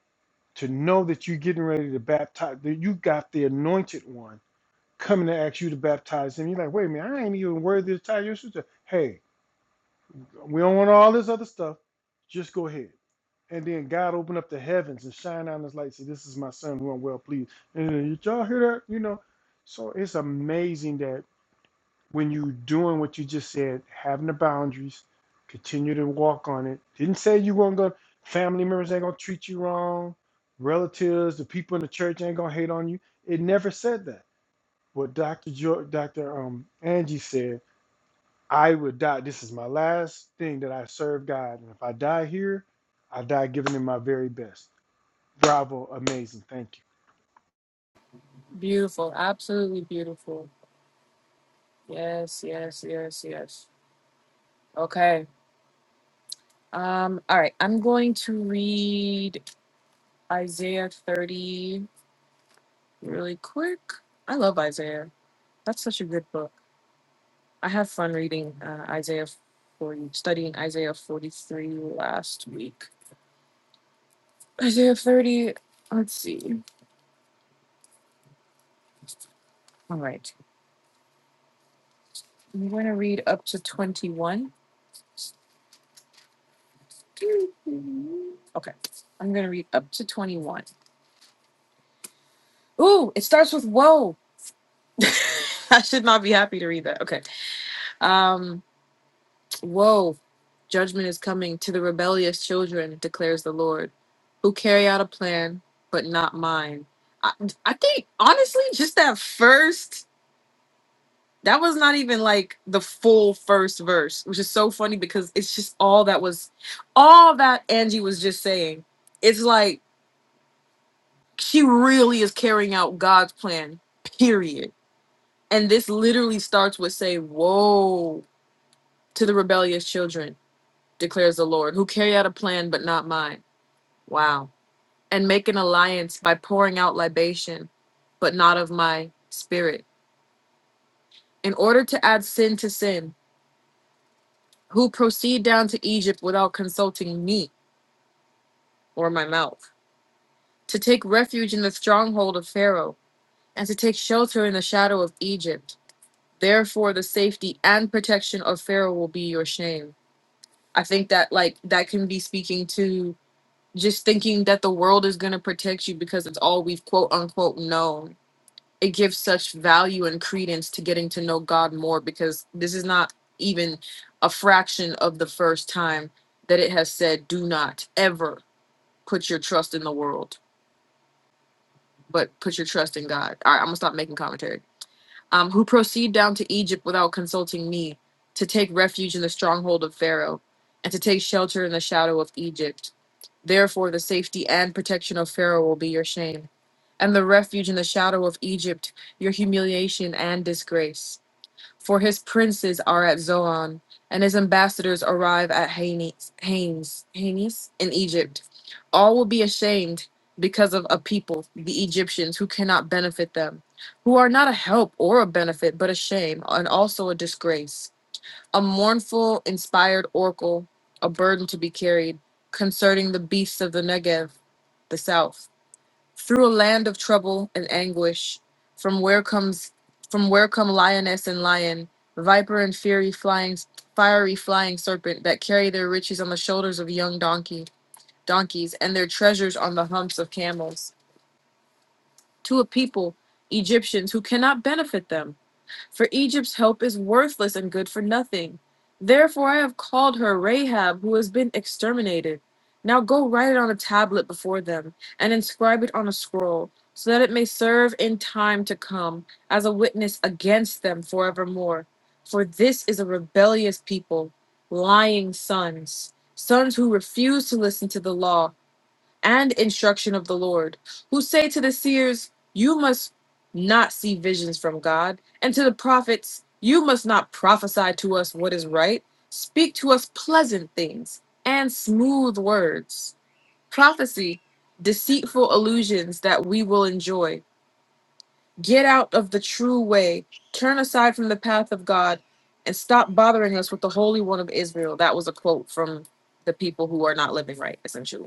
B: to know that you're getting ready to baptize, that you got the anointed one coming to ask you to baptize him, you're like, wait a minute, I ain't even worthy to tie your shoes. Hey, we don't want all this other stuff. Just go ahead. And then God opened up the heavens and shine down his light. Say, this is my son who I'm well pleased. And then, did y'all hear that? You know, so it's amazing that when you doing what you just said, having the boundaries, continue to walk on it. Didn't say you weren't gonna family members ain't gonna treat you wrong, relatives, the people in the church ain't gonna hate on you. It never said that. What Dr. Jo- Dr. Um Angie said, I would die. This is my last thing that I serve God, and if I die here, I die giving Him my very best. Bravo, amazing, thank
A: Beautiful. Absolutely beautiful. Yes, yes, yes, yes. Okay. Um, all right. I'm going to read Isaiah 30 really quick. I love Isaiah. That's such a good book. I have fun reading uh, Isaiah 40, studying Isaiah 43 last week. Isaiah 30, let's see. All right. I'm going to read up to 21. Okay. I'm going to read up to 21. Ooh, it starts with woe. I should not be happy to read that. Okay. Um, Woe, judgment is coming to the rebellious children, declares the Lord, who carry out a plan, but not mine. I, I think, honestly, just that first, that was not even like the full first verse, which is so funny because it's just all that was, all that Angie was just saying. It's like she really is carrying out God's plan, period. And this literally starts with say, Woe to the rebellious children declares the Lord, who carry out a plan, but not mine. Wow. And make an alliance by pouring out libation, but not of my spirit, in order to add sin to sin, who proceed down to Egypt without consulting me or my mouth, to take refuge in the stronghold of Pharaoh, and to take shelter in the shadow of Egypt. Therefore, the safety and protection of Pharaoh will be your shame. I think that, like, that can be speaking to just thinking that the world is going to protect you because it's all we've quote unquote known it gives such value and credence to getting to know god more because this is not even a fraction of the first time that it has said do not ever put your trust in the world but put your trust in god all right i'm gonna stop making commentary um, who proceed down to egypt without consulting me to take refuge in the stronghold of pharaoh and to take shelter in the shadow of egypt Therefore, the safety and protection of Pharaoh will be your shame, and the refuge in the shadow of Egypt, your humiliation and disgrace. For his princes are at Zoan, and his ambassadors arrive at Hanes, Hanes, Hanes in Egypt. All will be ashamed because of a people, the Egyptians, who cannot benefit them, who are not a help or a benefit, but a shame and also a disgrace a mournful, inspired oracle, a burden to be carried, concerning the beasts of the Negev, the south, through a land of trouble and anguish, from where comes from where come lioness and lion, viper and fiery flying fiery flying serpent that carry their riches on the shoulders of young donkey donkeys and their treasures on the humps of camels, to a people, Egyptians, who cannot benefit them for Egypt's help is worthless and good for nothing. Therefore I have called her Rahab, who has been exterminated. Now go write it on a tablet before them, and inscribe it on a scroll, so that it may serve in time to come as a witness against them forevermore. For this is a rebellious people, lying sons, sons who refuse to listen to the law and instruction of the Lord, who say to the seers, You must not see visions from God, and to the prophets, You must not prophesy to us what is right. Speak to us pleasant things and smooth words. Prophecy, deceitful illusions that we will enjoy. Get out of the true way, turn aside from the path of God, and stop bothering us with the Holy One of Israel. That was a quote from the people who are not living right, essentially.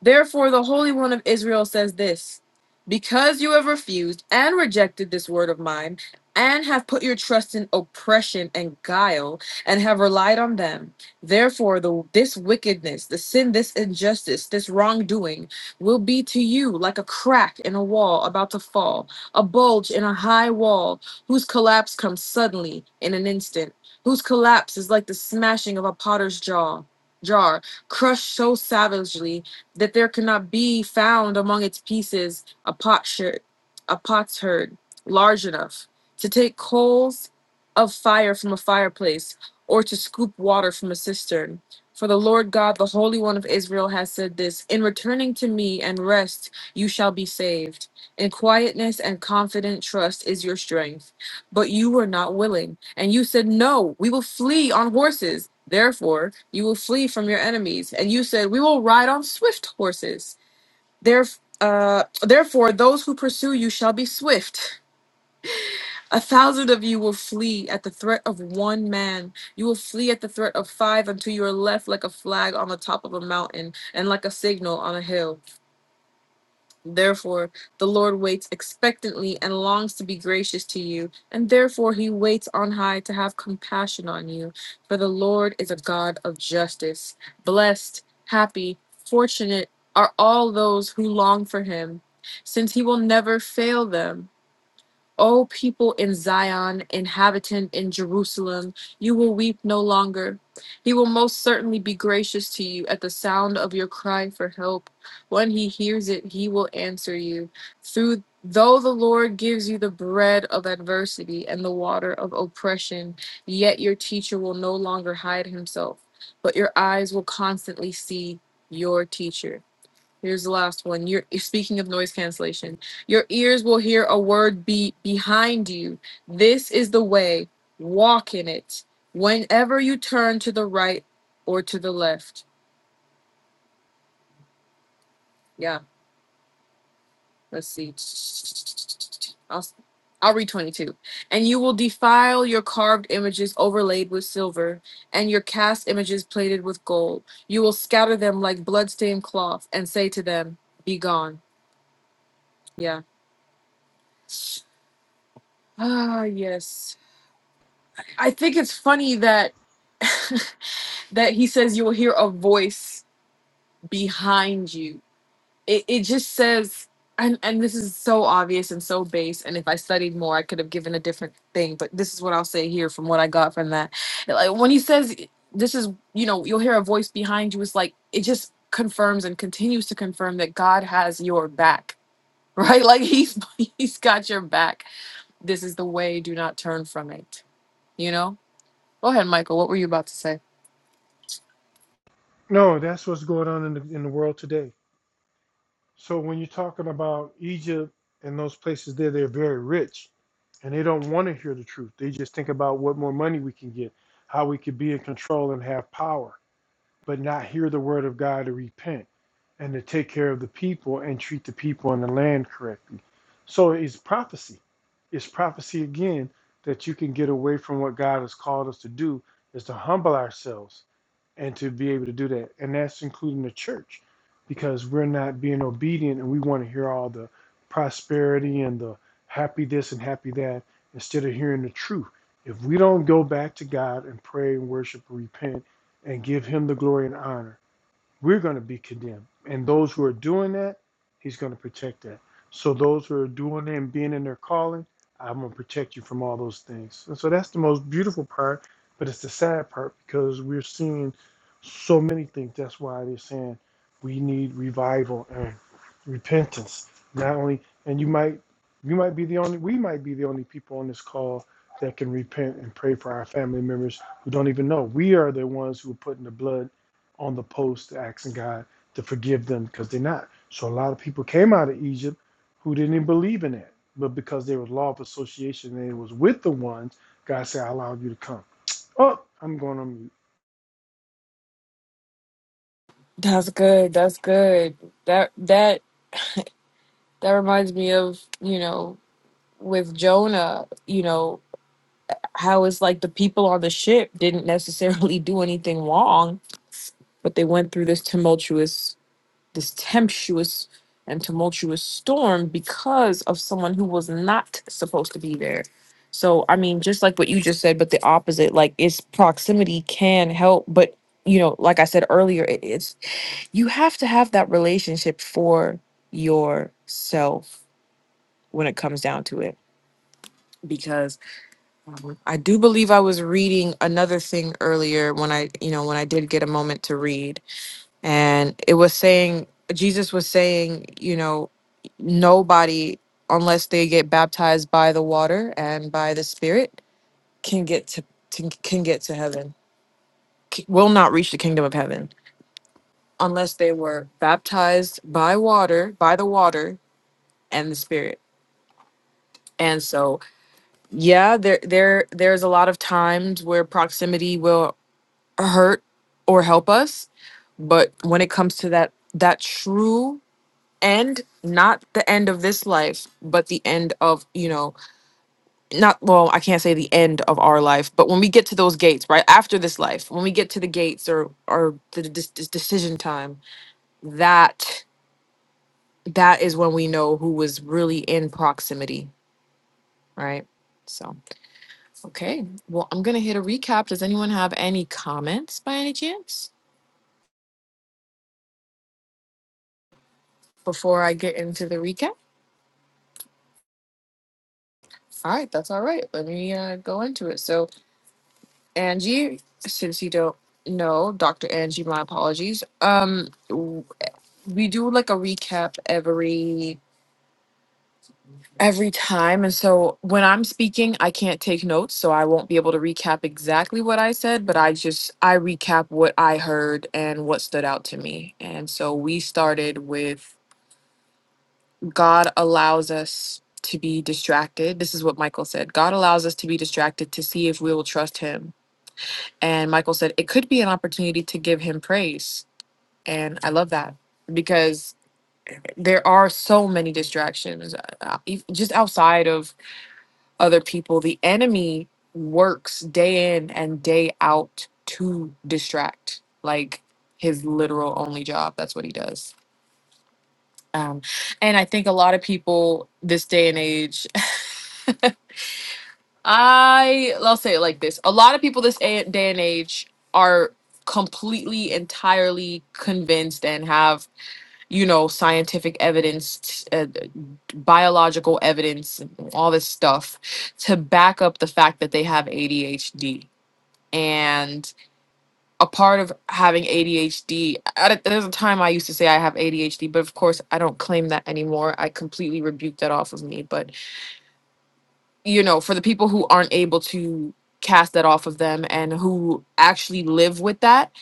A: Therefore, the Holy One of Israel says this Because you have refused and rejected this word of mine, and have put your trust in oppression and guile, and have relied on them, therefore, the, this wickedness, the sin, this injustice, this wrongdoing will be to you like a crack in a wall about to fall, a bulge in a high wall, whose collapse comes suddenly in an instant, whose collapse is like the smashing of a potter's jaw. Jar crushed so savagely that there cannot be found among its pieces a potsherd, a potsherd large enough to take coals of fire from a fireplace or to scoop water from a cistern. For the Lord God, the Holy One of Israel, has said this In returning to me and rest, you shall be saved. In quietness and confident trust is your strength. But you were not willing. And you said, No, we will flee on horses. Therefore, you will flee from your enemies. And you said, We will ride on swift horses. Theref- uh, therefore, those who pursue you shall be swift. A thousand of you will flee at the threat of one man. You will flee at the threat of five until you are left like a flag on the top of a mountain and like a signal on a hill. Therefore, the Lord waits expectantly and longs to be gracious to you, and therefore he waits on high to have compassion on you. For the Lord is a God of justice. Blessed, happy, fortunate are all those who long for him, since he will never fail them. O people in Zion, inhabitant in Jerusalem, you will weep no longer. He will most certainly be gracious to you at the sound of your cry for help. When he hears it, he will answer you. Through though the Lord gives you the bread of adversity and the water of oppression, yet your teacher will no longer hide himself, but your eyes will constantly see your teacher. Here's the last one. You're speaking of noise cancellation. Your ears will hear a word be behind you. This is the way. Walk in it. Whenever you turn to the right or to the left. Yeah, let's see. I'll I'll read 22. And you will defile your carved images overlaid with silver, and your cast images plated with gold. You will scatter them like bloodstained cloth, and say to them, Be gone. Yeah. Ah, yes. I think it's funny that that he says you'll hear a voice behind you. It it just says and and this is so obvious and so base and if I studied more I could have given a different thing, but this is what I'll say here from what I got from that. Like when he says this is, you know, you'll hear a voice behind you it's like it just confirms and continues to confirm that God has your back. Right? Like he's he's got your back. This is the way, do not turn from it, you know? Go ahead, Michael. What were you about to say?
B: you. No, that's what's going on in the in the world today So when you're talking about Egypt and those places there, they're very rich and they don't want to hear the truth. They just think about what more money we can get, how we could be in control and have power but not hear the word of God to repent and to take care of the people and treat the people and the land correctly. So it's prophecy. It's prophecy again that you can get away from what God has called us to do is to humble ourselves and to be able to do that. And that's including the church because we're not being obedient and we want to hear all the prosperity and the happy this and happy that instead of hearing the truth. If we don't go back to God and pray and worship and repent and give him the glory and honor we're going to be condemned. And those who are doing that, he's going to protect that. So those who are doing it and being in their calling, I'm going to protect you from all those things. And so that's the most beautiful part, but it's the sad part because we're seeing so many things. That's why they're saying we need revival and repentance. Not only, and you might, you might be the only, we might be the only people on this call that can repent and pray for our family members who don't even know. We are the ones who are putting the blood on the post asking God to forgive them because they're not. So a lot of people came out of Egypt who didn't even believe in that. But because there was law of association and it was with the ones, God said, I allowed you to come. Oh, I'm going on mute.
A: That's good. That's good. That that that reminds me of, you know, with Jonah, you know, how it's like the people on the ship didn't necessarily do anything wrong, but they went through this tumultuous, this tempestuous and tumultuous storm because of someone who was not supposed to be there. So, I mean, just like what you just said, but the opposite, like its proximity can help, but you know, like I said earlier, it is. you have to have that relationship for yourself when it comes down to it because um, i do believe i was reading another thing earlier when i you know when i did get a moment to read and it was saying jesus was saying you know nobody unless they get baptized by the water and by the spirit can get to, to can get to heaven c- will not reach the kingdom of heaven unless they were baptized by water by the water and the spirit. And so, yeah, there there there's a lot of times where proximity will hurt or help us, but when it comes to that that true end, not the end of this life, but the end of, you know, not well, I can't say the end of our life, but when we get to those gates, right? After this life, when we get to the gates or or the dis- dis- decision time, that that is when we know who was really in proximity, right? So Okay, well, I'm gonna hit a recap. Does anyone have any comments by any chance before I get into the recap? All right, that's all right. Let me uh, go into it. So, Angie, since you don't know, Dr. Angie, my apologies. Um, w- we do like a recap every every time, and so when I'm speaking, I can't take notes, so I won't be able to recap exactly what I said, but I just I recap what I heard and what stood out to me. And so we started with God allows us to be distracted. This is what Michael said. God allows us to be distracted to see if we will trust him. And Michael said it could be an opportunity to give him praise. And I love that because there are so many distractions uh, uh, e- just outside of other people. The enemy works day in and day out to distract, like his literal only job. That's what he does. Um, and I think a lot of people this day and age I well, I'll say it like this: a lot of people this a- day and age are completely, entirely convinced and have you know scientific evidence, t- uh, biological evidence, all this stuff to back up the fact that they have ADHD. And a part of having ADHD, at a, there's a time I used to say I have ADHD, but of course I don't claim that anymore. I completely rebuked that off of me, but you know, for the people who aren't able to cast that off of them and who actually live with that,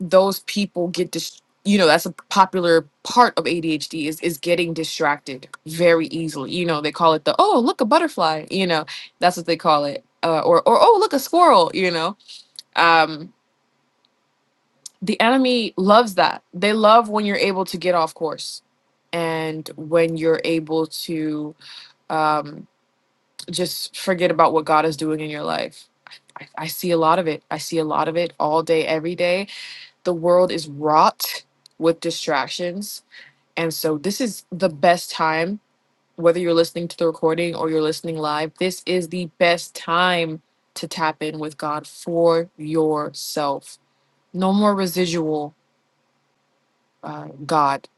A: those people get dis- you know, that's a popular part of ADHD is is getting distracted very easily. You know, they call it the oh, look a butterfly, you know. That's what they call it. Uh, or or oh, look a squirrel, you know. Um the enemy loves that. They love when you're able to get off course and when you're able to um just forget about what God is doing in your life. I, I I see a lot of it. I see a lot of it all day, every day. The world is wrought with distractions. And so, this is the best time, whether you're listening to the recording or you're listening live, this is the best time to tap in with God for yourself. No more residual uh, God.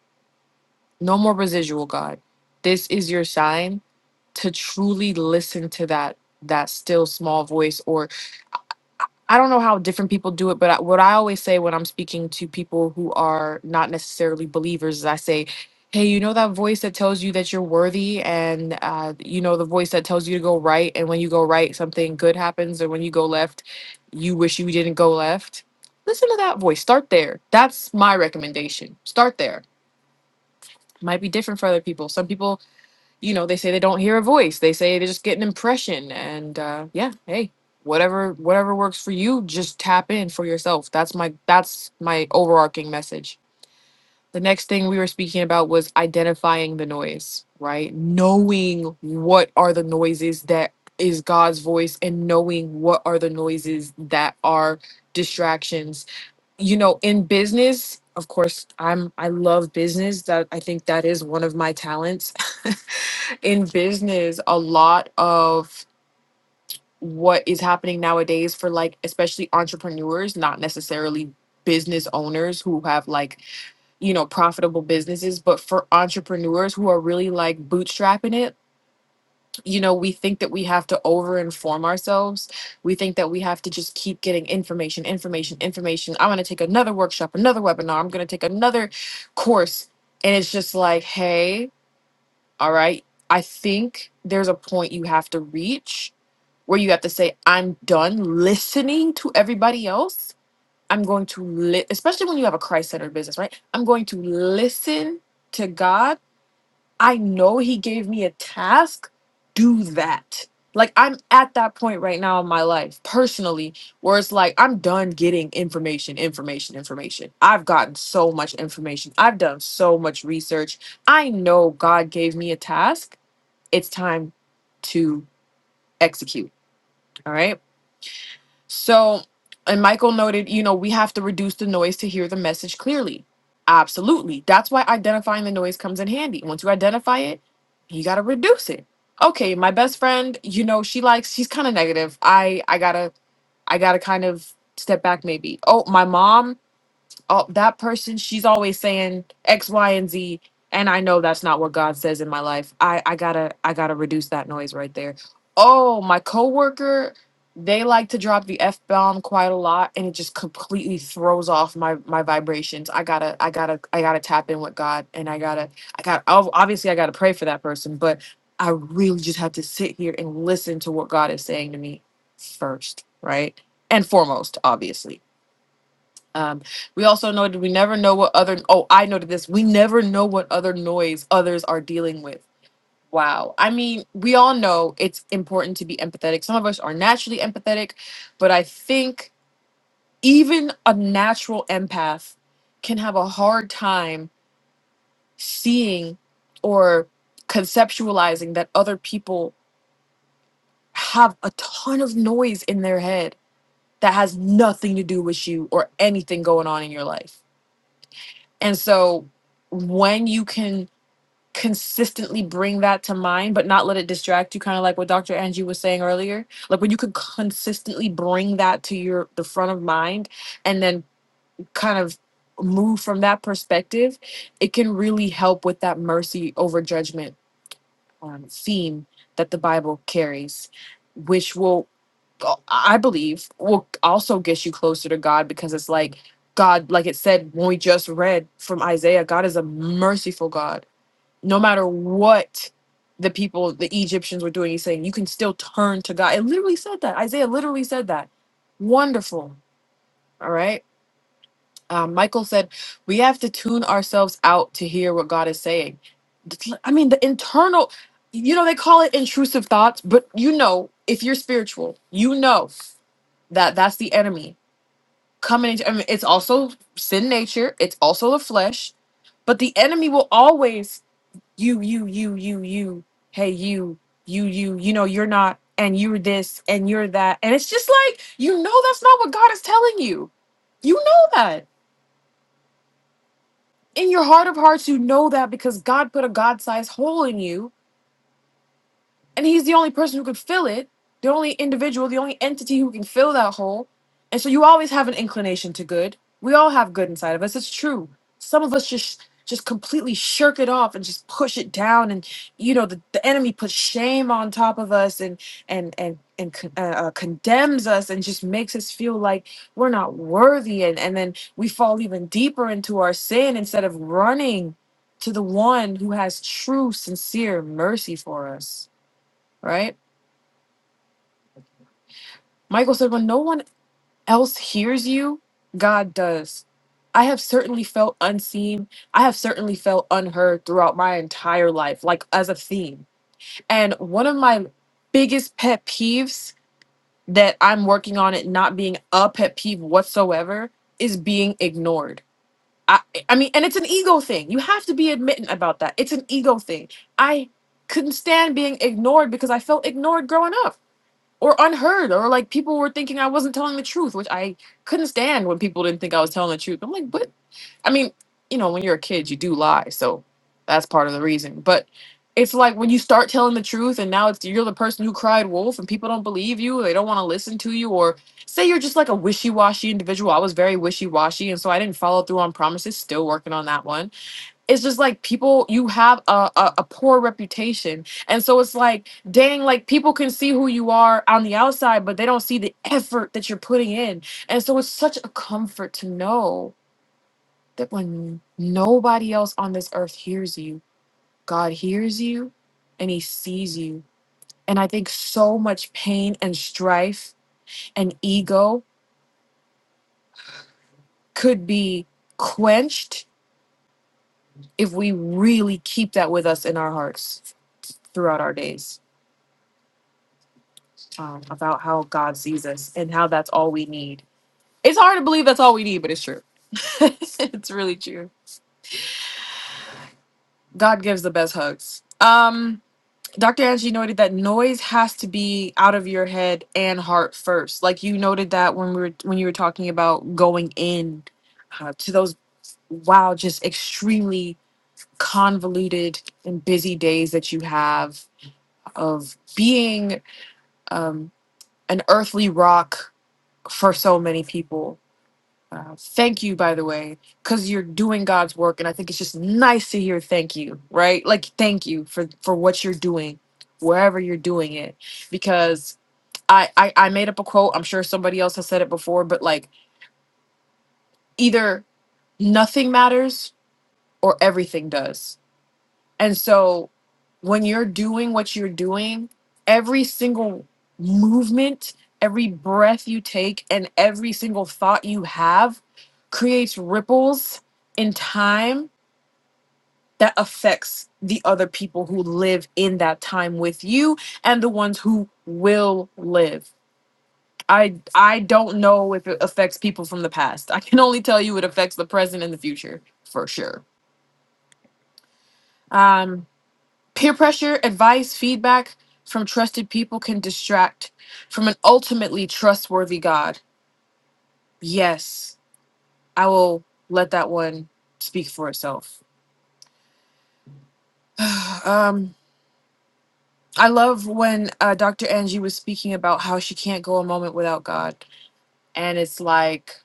A: No more residual God. This is your sign to truly listen to that that still small voice or I don't know how different people do it, but I, what I always say when I'm speaking to people who are not necessarily believers is I say, hey, you know that voice that tells you that you're worthy, and uh, you know the voice that tells you to go right, and when you go right, something good happens, and when you go left, you wish you didn't go left. Listen to that voice. Start there. That's my recommendation. Start there. Might be different for other people. Some people you know, they say they don't hear a voice. They say they just get an impression. And uh, yeah, hey, whatever whatever works for you, just tap in for yourself. That's my that's my overarching message. The next thing we were speaking about was identifying the noise, right? Knowing what are the noises that is God's voice and knowing what are the noises that are distractions you know in business of course i'm i love business that i think that is one of my talents in business a lot of what is happening nowadays for like especially entrepreneurs not necessarily business owners who have like you know profitable businesses but for entrepreneurs who are really like bootstrapping it you know, we think that we have to over inform ourselves. We think that we have to just keep getting information, information, information. I'm going to take another workshop, another webinar. I'm going to take another course. And it's just like, hey, all right, I think there's a point you have to reach where you have to say, I'm done listening to everybody else. I'm going to, li-, especially when you have a Christ centered business, right? I'm going to listen to God I know he gave me a task, do that. Like I'm at that point right now in my life personally where it's like I'm done getting information, information, information. I've gotten so much information. I've done so much research. I know God gave me a task. It's time to execute. All right? So, and Michael noted, you know, we have to reduce the noise to hear the message clearly. Absolutely. That's why identifying the noise comes in handy. Once you identify it, you got to reduce it. Okay, my best friend, you know, she likes she's kind of negative. I I got to I got to kind of step back maybe. Oh, my mom oh, that person, she's always saying X, Y, and Z. And I know that's not what God says in my life. I, I gotta, I gotta reduce that noise right there. Oh, my coworker, they like to drop the F bomb quite a lot and it just completely throws off my, my vibrations. I gotta, I gotta, I gotta tap in with God and I gotta, I gotta, ob- obviously I gotta pray for that person, but I really just have to sit here and listen to what God is saying to me first, right? And foremost, obviously. Um, we also know that we never know what other. Oh, I noted this. We never know what other noise others are dealing with. Wow. I mean, we all know it's important to be empathetic. Some of us are naturally empathetic, but I think even a natural empath can have a hard time seeing or conceptualizing that other people have a ton of noise in their head that has nothing to do with you or anything going on in your life And so when you can consistently bring that to mind, but not let it distract you, kind of like what Dr. Angie was saying earlier, like when you could consistently bring that to your the front of mind and then kind of move from that perspective, it can really help with that mercy over judgment um, theme that the Bible carries, which will, I believe, will also get you closer to God because it's like God, like it said when we just read from Isaiah, God is a merciful God. No matter what the people, the Egyptians were doing, he's saying, you can still turn to God. It literally said that. Isaiah literally said that. Wonderful. All right um, Michael said, we have to tune ourselves out to hear what God is saying. I mean, the internal, you know, they call it intrusive thoughts, but you know, if you're spiritual, you know that that's the enemy coming. Into, I mean, it's also sin nature, it's also the flesh, but the enemy will always, you, you, you, you, you, hey, you, you, you, you know, you're not, and you're this, and you're that. And it's just like, you know, that's not what God is telling you. You know that. in your heart of hearts, you know that because God put a God sized hole in you and he's the only person who could fill it the only individual the only entity who can fill that hole and so you always have an inclination to good we all have good inside of us it's true some of us just just completely shirk it off and just push it down and you know the, the enemy puts shame on top of us and and and and con- uh, uh, condemns us and just makes us feel like we're not worthy and and then we fall even deeper into our sin instead of running to the one who has true sincere mercy for us right? Michael said, When no one else hears you, God does. I have certainly felt unseen. I have certainly felt unheard throughout my entire life, like as a theme. And one of my biggest pet peeves that I'm working on it not being a pet peeve whatsoever is being ignored. I, I mean, and it's an ego thing. You have to be admitting about that. It's an ego thing. I couldn't stand being ignored because I felt ignored growing up or unheard or like people were thinking I wasn't telling the truth, which I couldn't stand when people didn't think I was telling the truth. I'm like, but I mean, you know, when you're a kid, you do lie, so that's part of the reason. But it's like when you start telling the truth and now it's you're the person who cried wolf and people don't believe you, they don't want to listen to you or say you're just like a wishy-washy individual. I was very wishy-washy and so I didn't follow through on promises, still working on that one it's just like people you have a, a, a poor reputation and so it's like dang like people can see who you are on the outside but they don't see the effort that you're putting in and so it's such a comfort to know that when nobody else on this earth hears you god hears you and he sees you and i think so much pain and strife and ego could be quenched if we really keep that with us in our hearts throughout our days um, about how God sees us and how that's all we need. It's hard to believe that's all we need, but it's true. it's really true. God gives the best hugs. Um, Dr. Angie noted that noise has to be out of your head and heart first. Like you noted that when we were when you were talking about going in uh, to those wow, just extremely convoluted and busy days that you have of being um, an earthly rock for so many people Uh, thank you, by the way, because you're doing God's work, and I think it's just nice to hear thank you, right? Like thank you for for what you're doing, wherever you're doing it, because I I, I made up a quote. I'm sure somebody else has said it before, but like either nothing matters or everything does And so when you're doing what you're doing, every single movement, every breath you take, and every single thought you have creates ripples in time that affects the other people who live in that time with you and the ones who will live. I I don't know if it affects people from the past. I can only tell you it affects the present and the future for sure. Um Peer pressure, advice, feedback from trusted people can distract from an ultimately trustworthy God. Yes, I will let that one speak for itself. um, I love when uh, Dr. Angie was speaking about how she can't go a moment without God, and it's like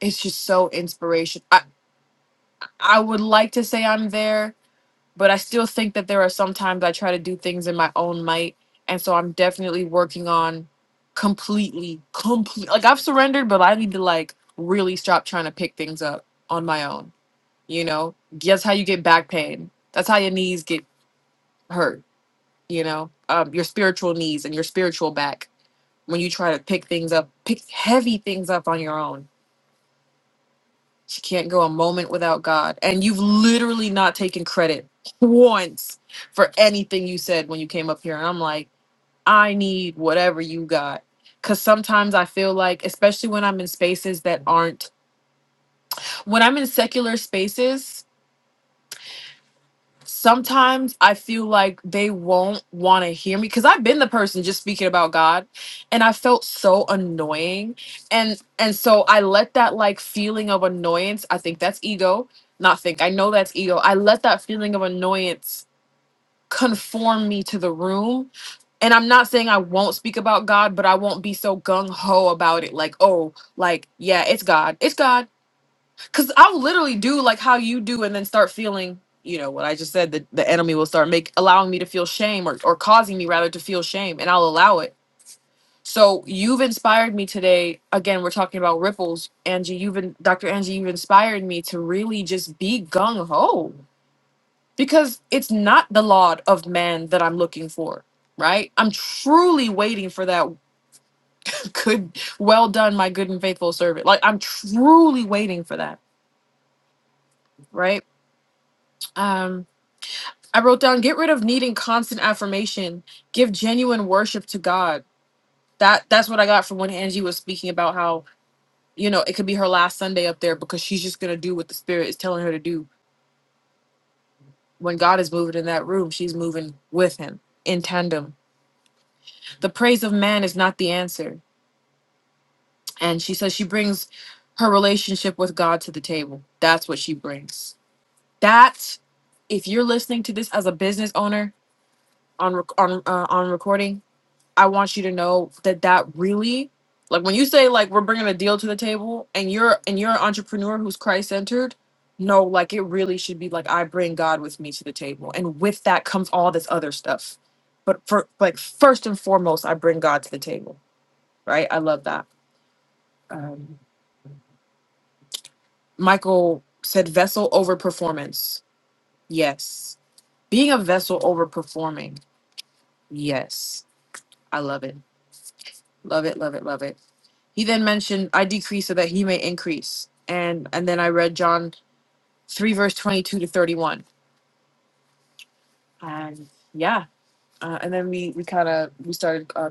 A: it's just so inspirational. I I would like to say I'm there, but I still think that there are sometimes I try to do things in my own might, and so I'm definitely working on completely, complete. Like I've surrendered, but I need to like really stop trying to pick things up on my own. You know, that's how you get back pain. That's how your knees get hurt. You know, um, your spiritual knees and your spiritual back when you try to pick things up, pick heavy things up on your own She can't go a moment without God. And you've literally not taken credit once for anything you said when you came up here. And I'm like, I need whatever you got. Because sometimes I feel like, especially when I'm in spaces that aren't, when I'm in secular spaces, sometimes I feel like they won't want to hear me because I've been the person just speaking about God and I felt so annoying. And and so I let that like feeling of annoyance, I think that's ego. Not think, I know that's ego. I let that feeling of annoyance conform me to the room. And I'm not saying I won't speak about God, but I won't be so gung ho about it. Like, oh, like, yeah, it's God. It's God. Cause I'll literally do like how you do and then start feeling, you know, what I just said, that the enemy will start make allowing me to feel shame or, or causing me rather to feel shame and I'll allow it. So you've inspired me today. Again, we're talking about ripples. Angie, you've been Dr. Angie, you've inspired me to really just be gung ho. Because it's not the laud of man that I'm looking for, right? I'm truly waiting for that good, well done, my good and faithful servant. Like I'm truly waiting for that, right? Um I wrote down get rid of needing constant affirmation. Give genuine worship to God. That that's what I got from when Angie was speaking about how, you know, it could be her last Sunday up there because she's just gonna do what the spirit is telling her to do. When God is moving in that room, she's moving with him in tandem. The praise of man is not the answer. And she says she brings her relationship with God to the table. That's what she brings. That if you're listening to this as a business owner on rec- on uh, on recording I want you to know that that really like when you say like we're bringing a deal to the table and you're and you're an entrepreneur who's Christ centered, no, like it really should be like I bring God with me to the table and with that comes all this other stuff. But for like first and foremost, I bring God to the table, right? I love that. Um, Michael said vessel over performance. Yes. Being a vessel over performing. Yes. I love it. Love it, love it, love it. He then mentioned, I decrease so that he may increase. And and then I read John 3 verse 22 to 31. And yeah, uh, and then we we kind of we started uh,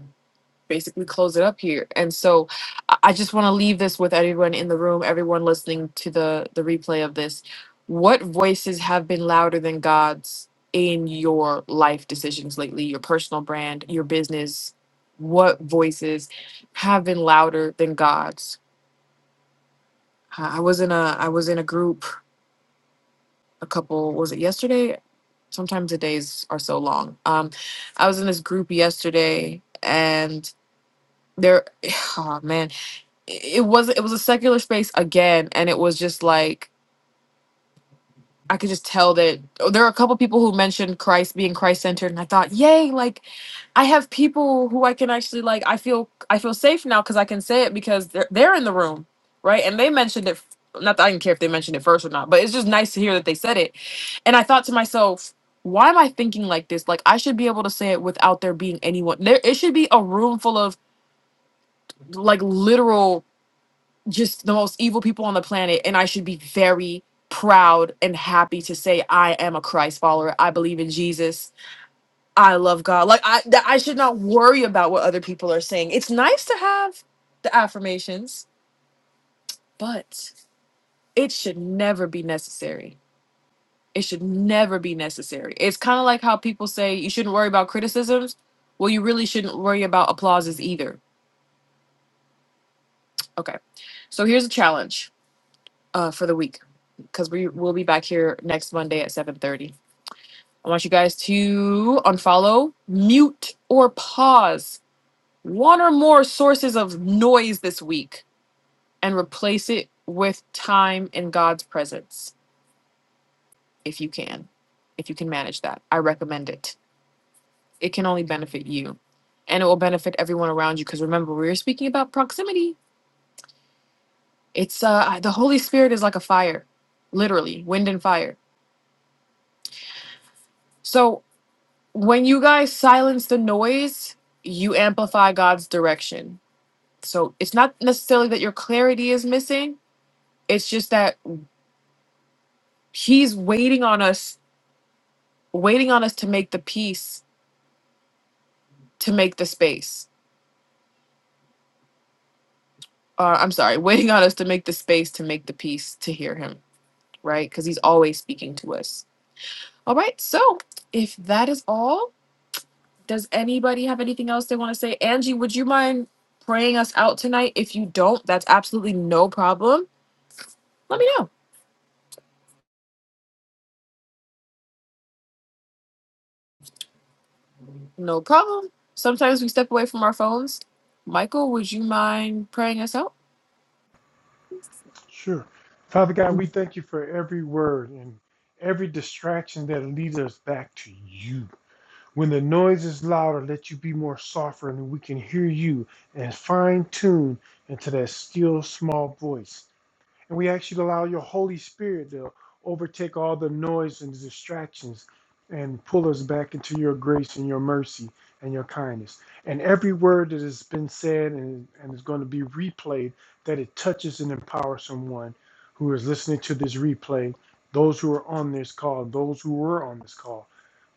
A: basically close it up here. And so I I just want to leave this with everyone in the room, everyone listening to the the replay of this. What voices have been louder than God's in your life decisions lately, your personal brand, your business? What voices have been louder than God's? I was in a I was in a group a couple was it yesterday? Sometimes the days are so long. Um, I was in this group yesterday, and there, oh man, it it was it was a secular space again, and it was just like I could just tell that oh, there are a couple people who mentioned Christ being Christ centered, and I thought, yay, like I have people who I can actually like. I feel I feel safe now because I can say it because they're they're in the room, right? And they mentioned it. f- Not that I didn't care if they mentioned it first or not, but it's just nice to hear that they said it. And I thought to myself, why am I thinking like this? Like I should be able to say it without there being anyone. There, it should be a room full of like literal just the most evil people on the planet, and I should be very proud and happy to say I am a Christ follower. I believe in Jesus I love God. Like I that I should not worry about what other people are saying. It's nice to have the affirmations, but it should never be necessary. It should never be necessary. It's kind of like how people say you shouldn't worry about criticisms. Well, you really shouldn't worry about applauses either. Okay. So here's a challenge uh, for the week because we will be back here next Monday at 7:30. I want you guys to unfollow, mute, or pause one or more sources of noise this week and replace it with time in God's presence if you can. If you can manage that, I recommend it. It can only benefit you and it will benefit everyone around you because remember, we were speaking about proximity. It's uh the Holy Spirit is like a fire, literally, wind and fire. So when you guys silence the noise, you amplify God's direction. So it's not necessarily that your clarity is missing, it's just that he's waiting on us waiting on us to make the peace to make the space uh, i'm sorry waiting on us to make the space to make the peace to hear him right because he's always speaking to us all right so if that is all does anybody have anything else they want to say angie would you mind praying us out tonight if you don't that's absolutely no problem let me know no problem sometimes we step away from our phones michael would you mind praying us out
B: Sure. Father God, we thank you for every word and every distraction that leads us back to you. When the noise is louder, let you be more softer and we can hear you and fine tune into that still small voice. And we ask you to allow your Holy Spirit to overtake all the noise and the distractions and pull us back into your grace and your mercy and your kindness. And every word that has been said and, and is going to be replayed, that it touches and empowers someone who is listening to this replay, those who are on this call, those who were on this call.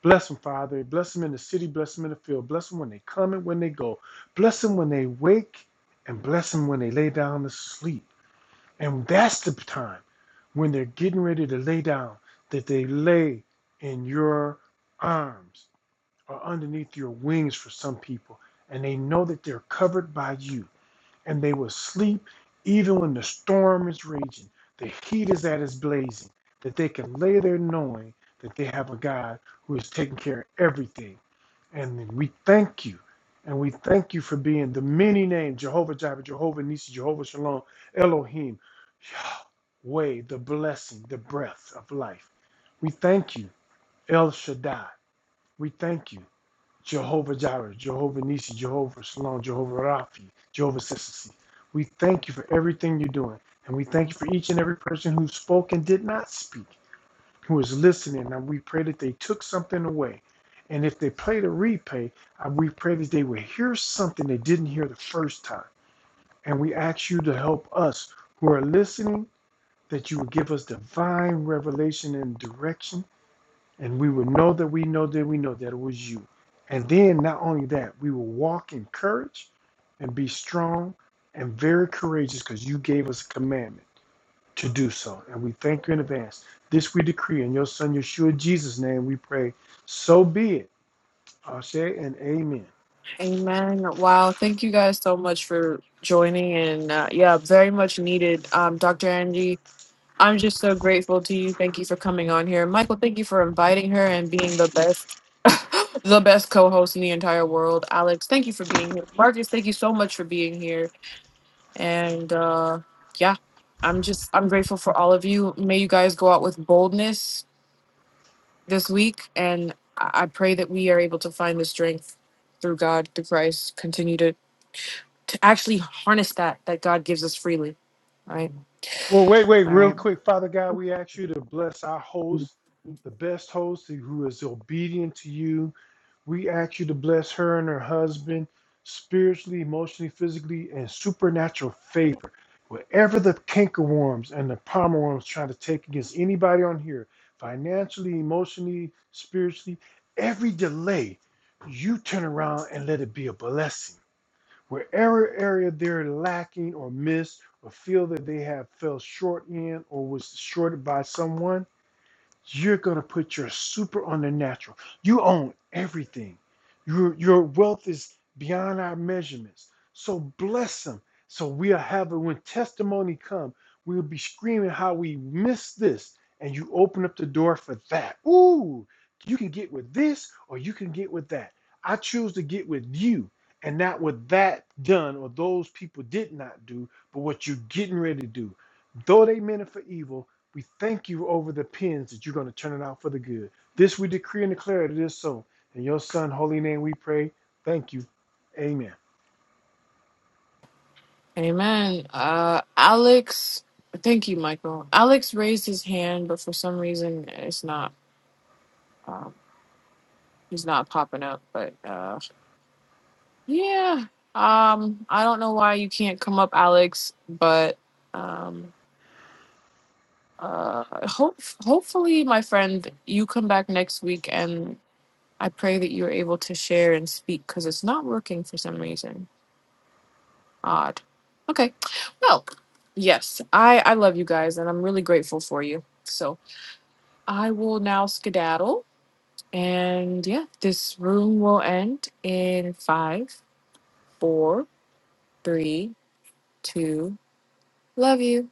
B: Bless them, Father. Bless them in the city. Bless them in the field. Bless them when they come and when they go. Bless them when they wake and bless them when they lay down to sleep. And that's the time when they're getting ready to lay down that they lay in your arms or underneath your wings for some people. And they know that they're covered by you and they will sleep even when the storm is raging, the heat is at its blazing, that they can lay there knowing that they have a God who is taking care of everything. And we thank you. And we thank you for being the many named Jehovah Jireh, Jehovah Nissi, Jehovah Shalom, Elohim, Yahweh, the blessing, the breath of life. We thank you, El Shaddai. We thank you. Jehovah Jireh, Jehovah Nissi, Jehovah Shalom, Jehovah Raphi, Jehovah Sissisi. We thank you for everything you're doing. And we thank you for each and every person who spoke and did not speak, who is listening. And we pray that they took something away. And if they played a replay, uh, we pray that they would hear something they didn't hear the first time. And we ask you to help us who are listening, that you would give us divine revelation and direction and we would know that we know that we know that it was you. And then not only that, we will walk in courage and be strong and very courageous because you gave us a commandment to do so. And we thank you in advance. This we decree in your son Yeshua Jesus' name we pray. So be it. Ashe and amen.
A: Amen. Wow. Thank you guys so much for joining. And uh, yeah, very much needed. Um, Dr. Angie, I'm just so grateful to you. Thank you for coming on here. Michael, thank you for inviting her and being the best. the best co-host in the entire world alex thank you for being here marcus thank you so much for being here and uh yeah i'm just i'm grateful for all of you may you guys go out with boldness this week and i I pray that we are able to find the strength through god through christ continue to to actually harness that that God gives us freely. Right.
B: Well, wait, wait,
A: All
B: real
A: right.
B: quick, Father God, we ask you to bless our host, the best host who is obedient to you We ask you to bless her and her husband spiritually, emotionally, physically, and supernatural favor. Whatever the cankerworms and the palmer worms trying to take against anybody on here, financially, emotionally, spiritually, every delay, you turn around and let it be a blessing. Wherever area they're lacking or miss or feel that they have fell short in or was shorted by someone, you're gonna put your super on the natural. You own everything. Your your wealth is beyond our measurements. So bless them. So we'll have it when testimony come. We'll be screaming how we missed this, and you open up the door for that. Ooh, you can get with this or you can get with that. I choose to get with you and not what that done or those people did not do, but what you're getting ready to do. Though they meant it for evil, we thank you over the pins that you're going to turn it out for the good. This we decree and declare it is so. In your son, holy name, we pray. Thank you. Amen.
A: Amen. Uh, Alex, thank you, Michael. Alex raised his hand, but for some reason, it's not. Um, he's not popping up. But uh, yeah, um, I don't know why you can't come up, Alex. But um, uh, hope hopefully, my friend, you come back next week, and I pray that you're able to share and speak because it's not working for some reason. Odd. Okay. Well, yes, I I love you guys, and I'm really grateful for you. So I will now skedaddle, and yeah, this room will end in five, four, three, two. Love you.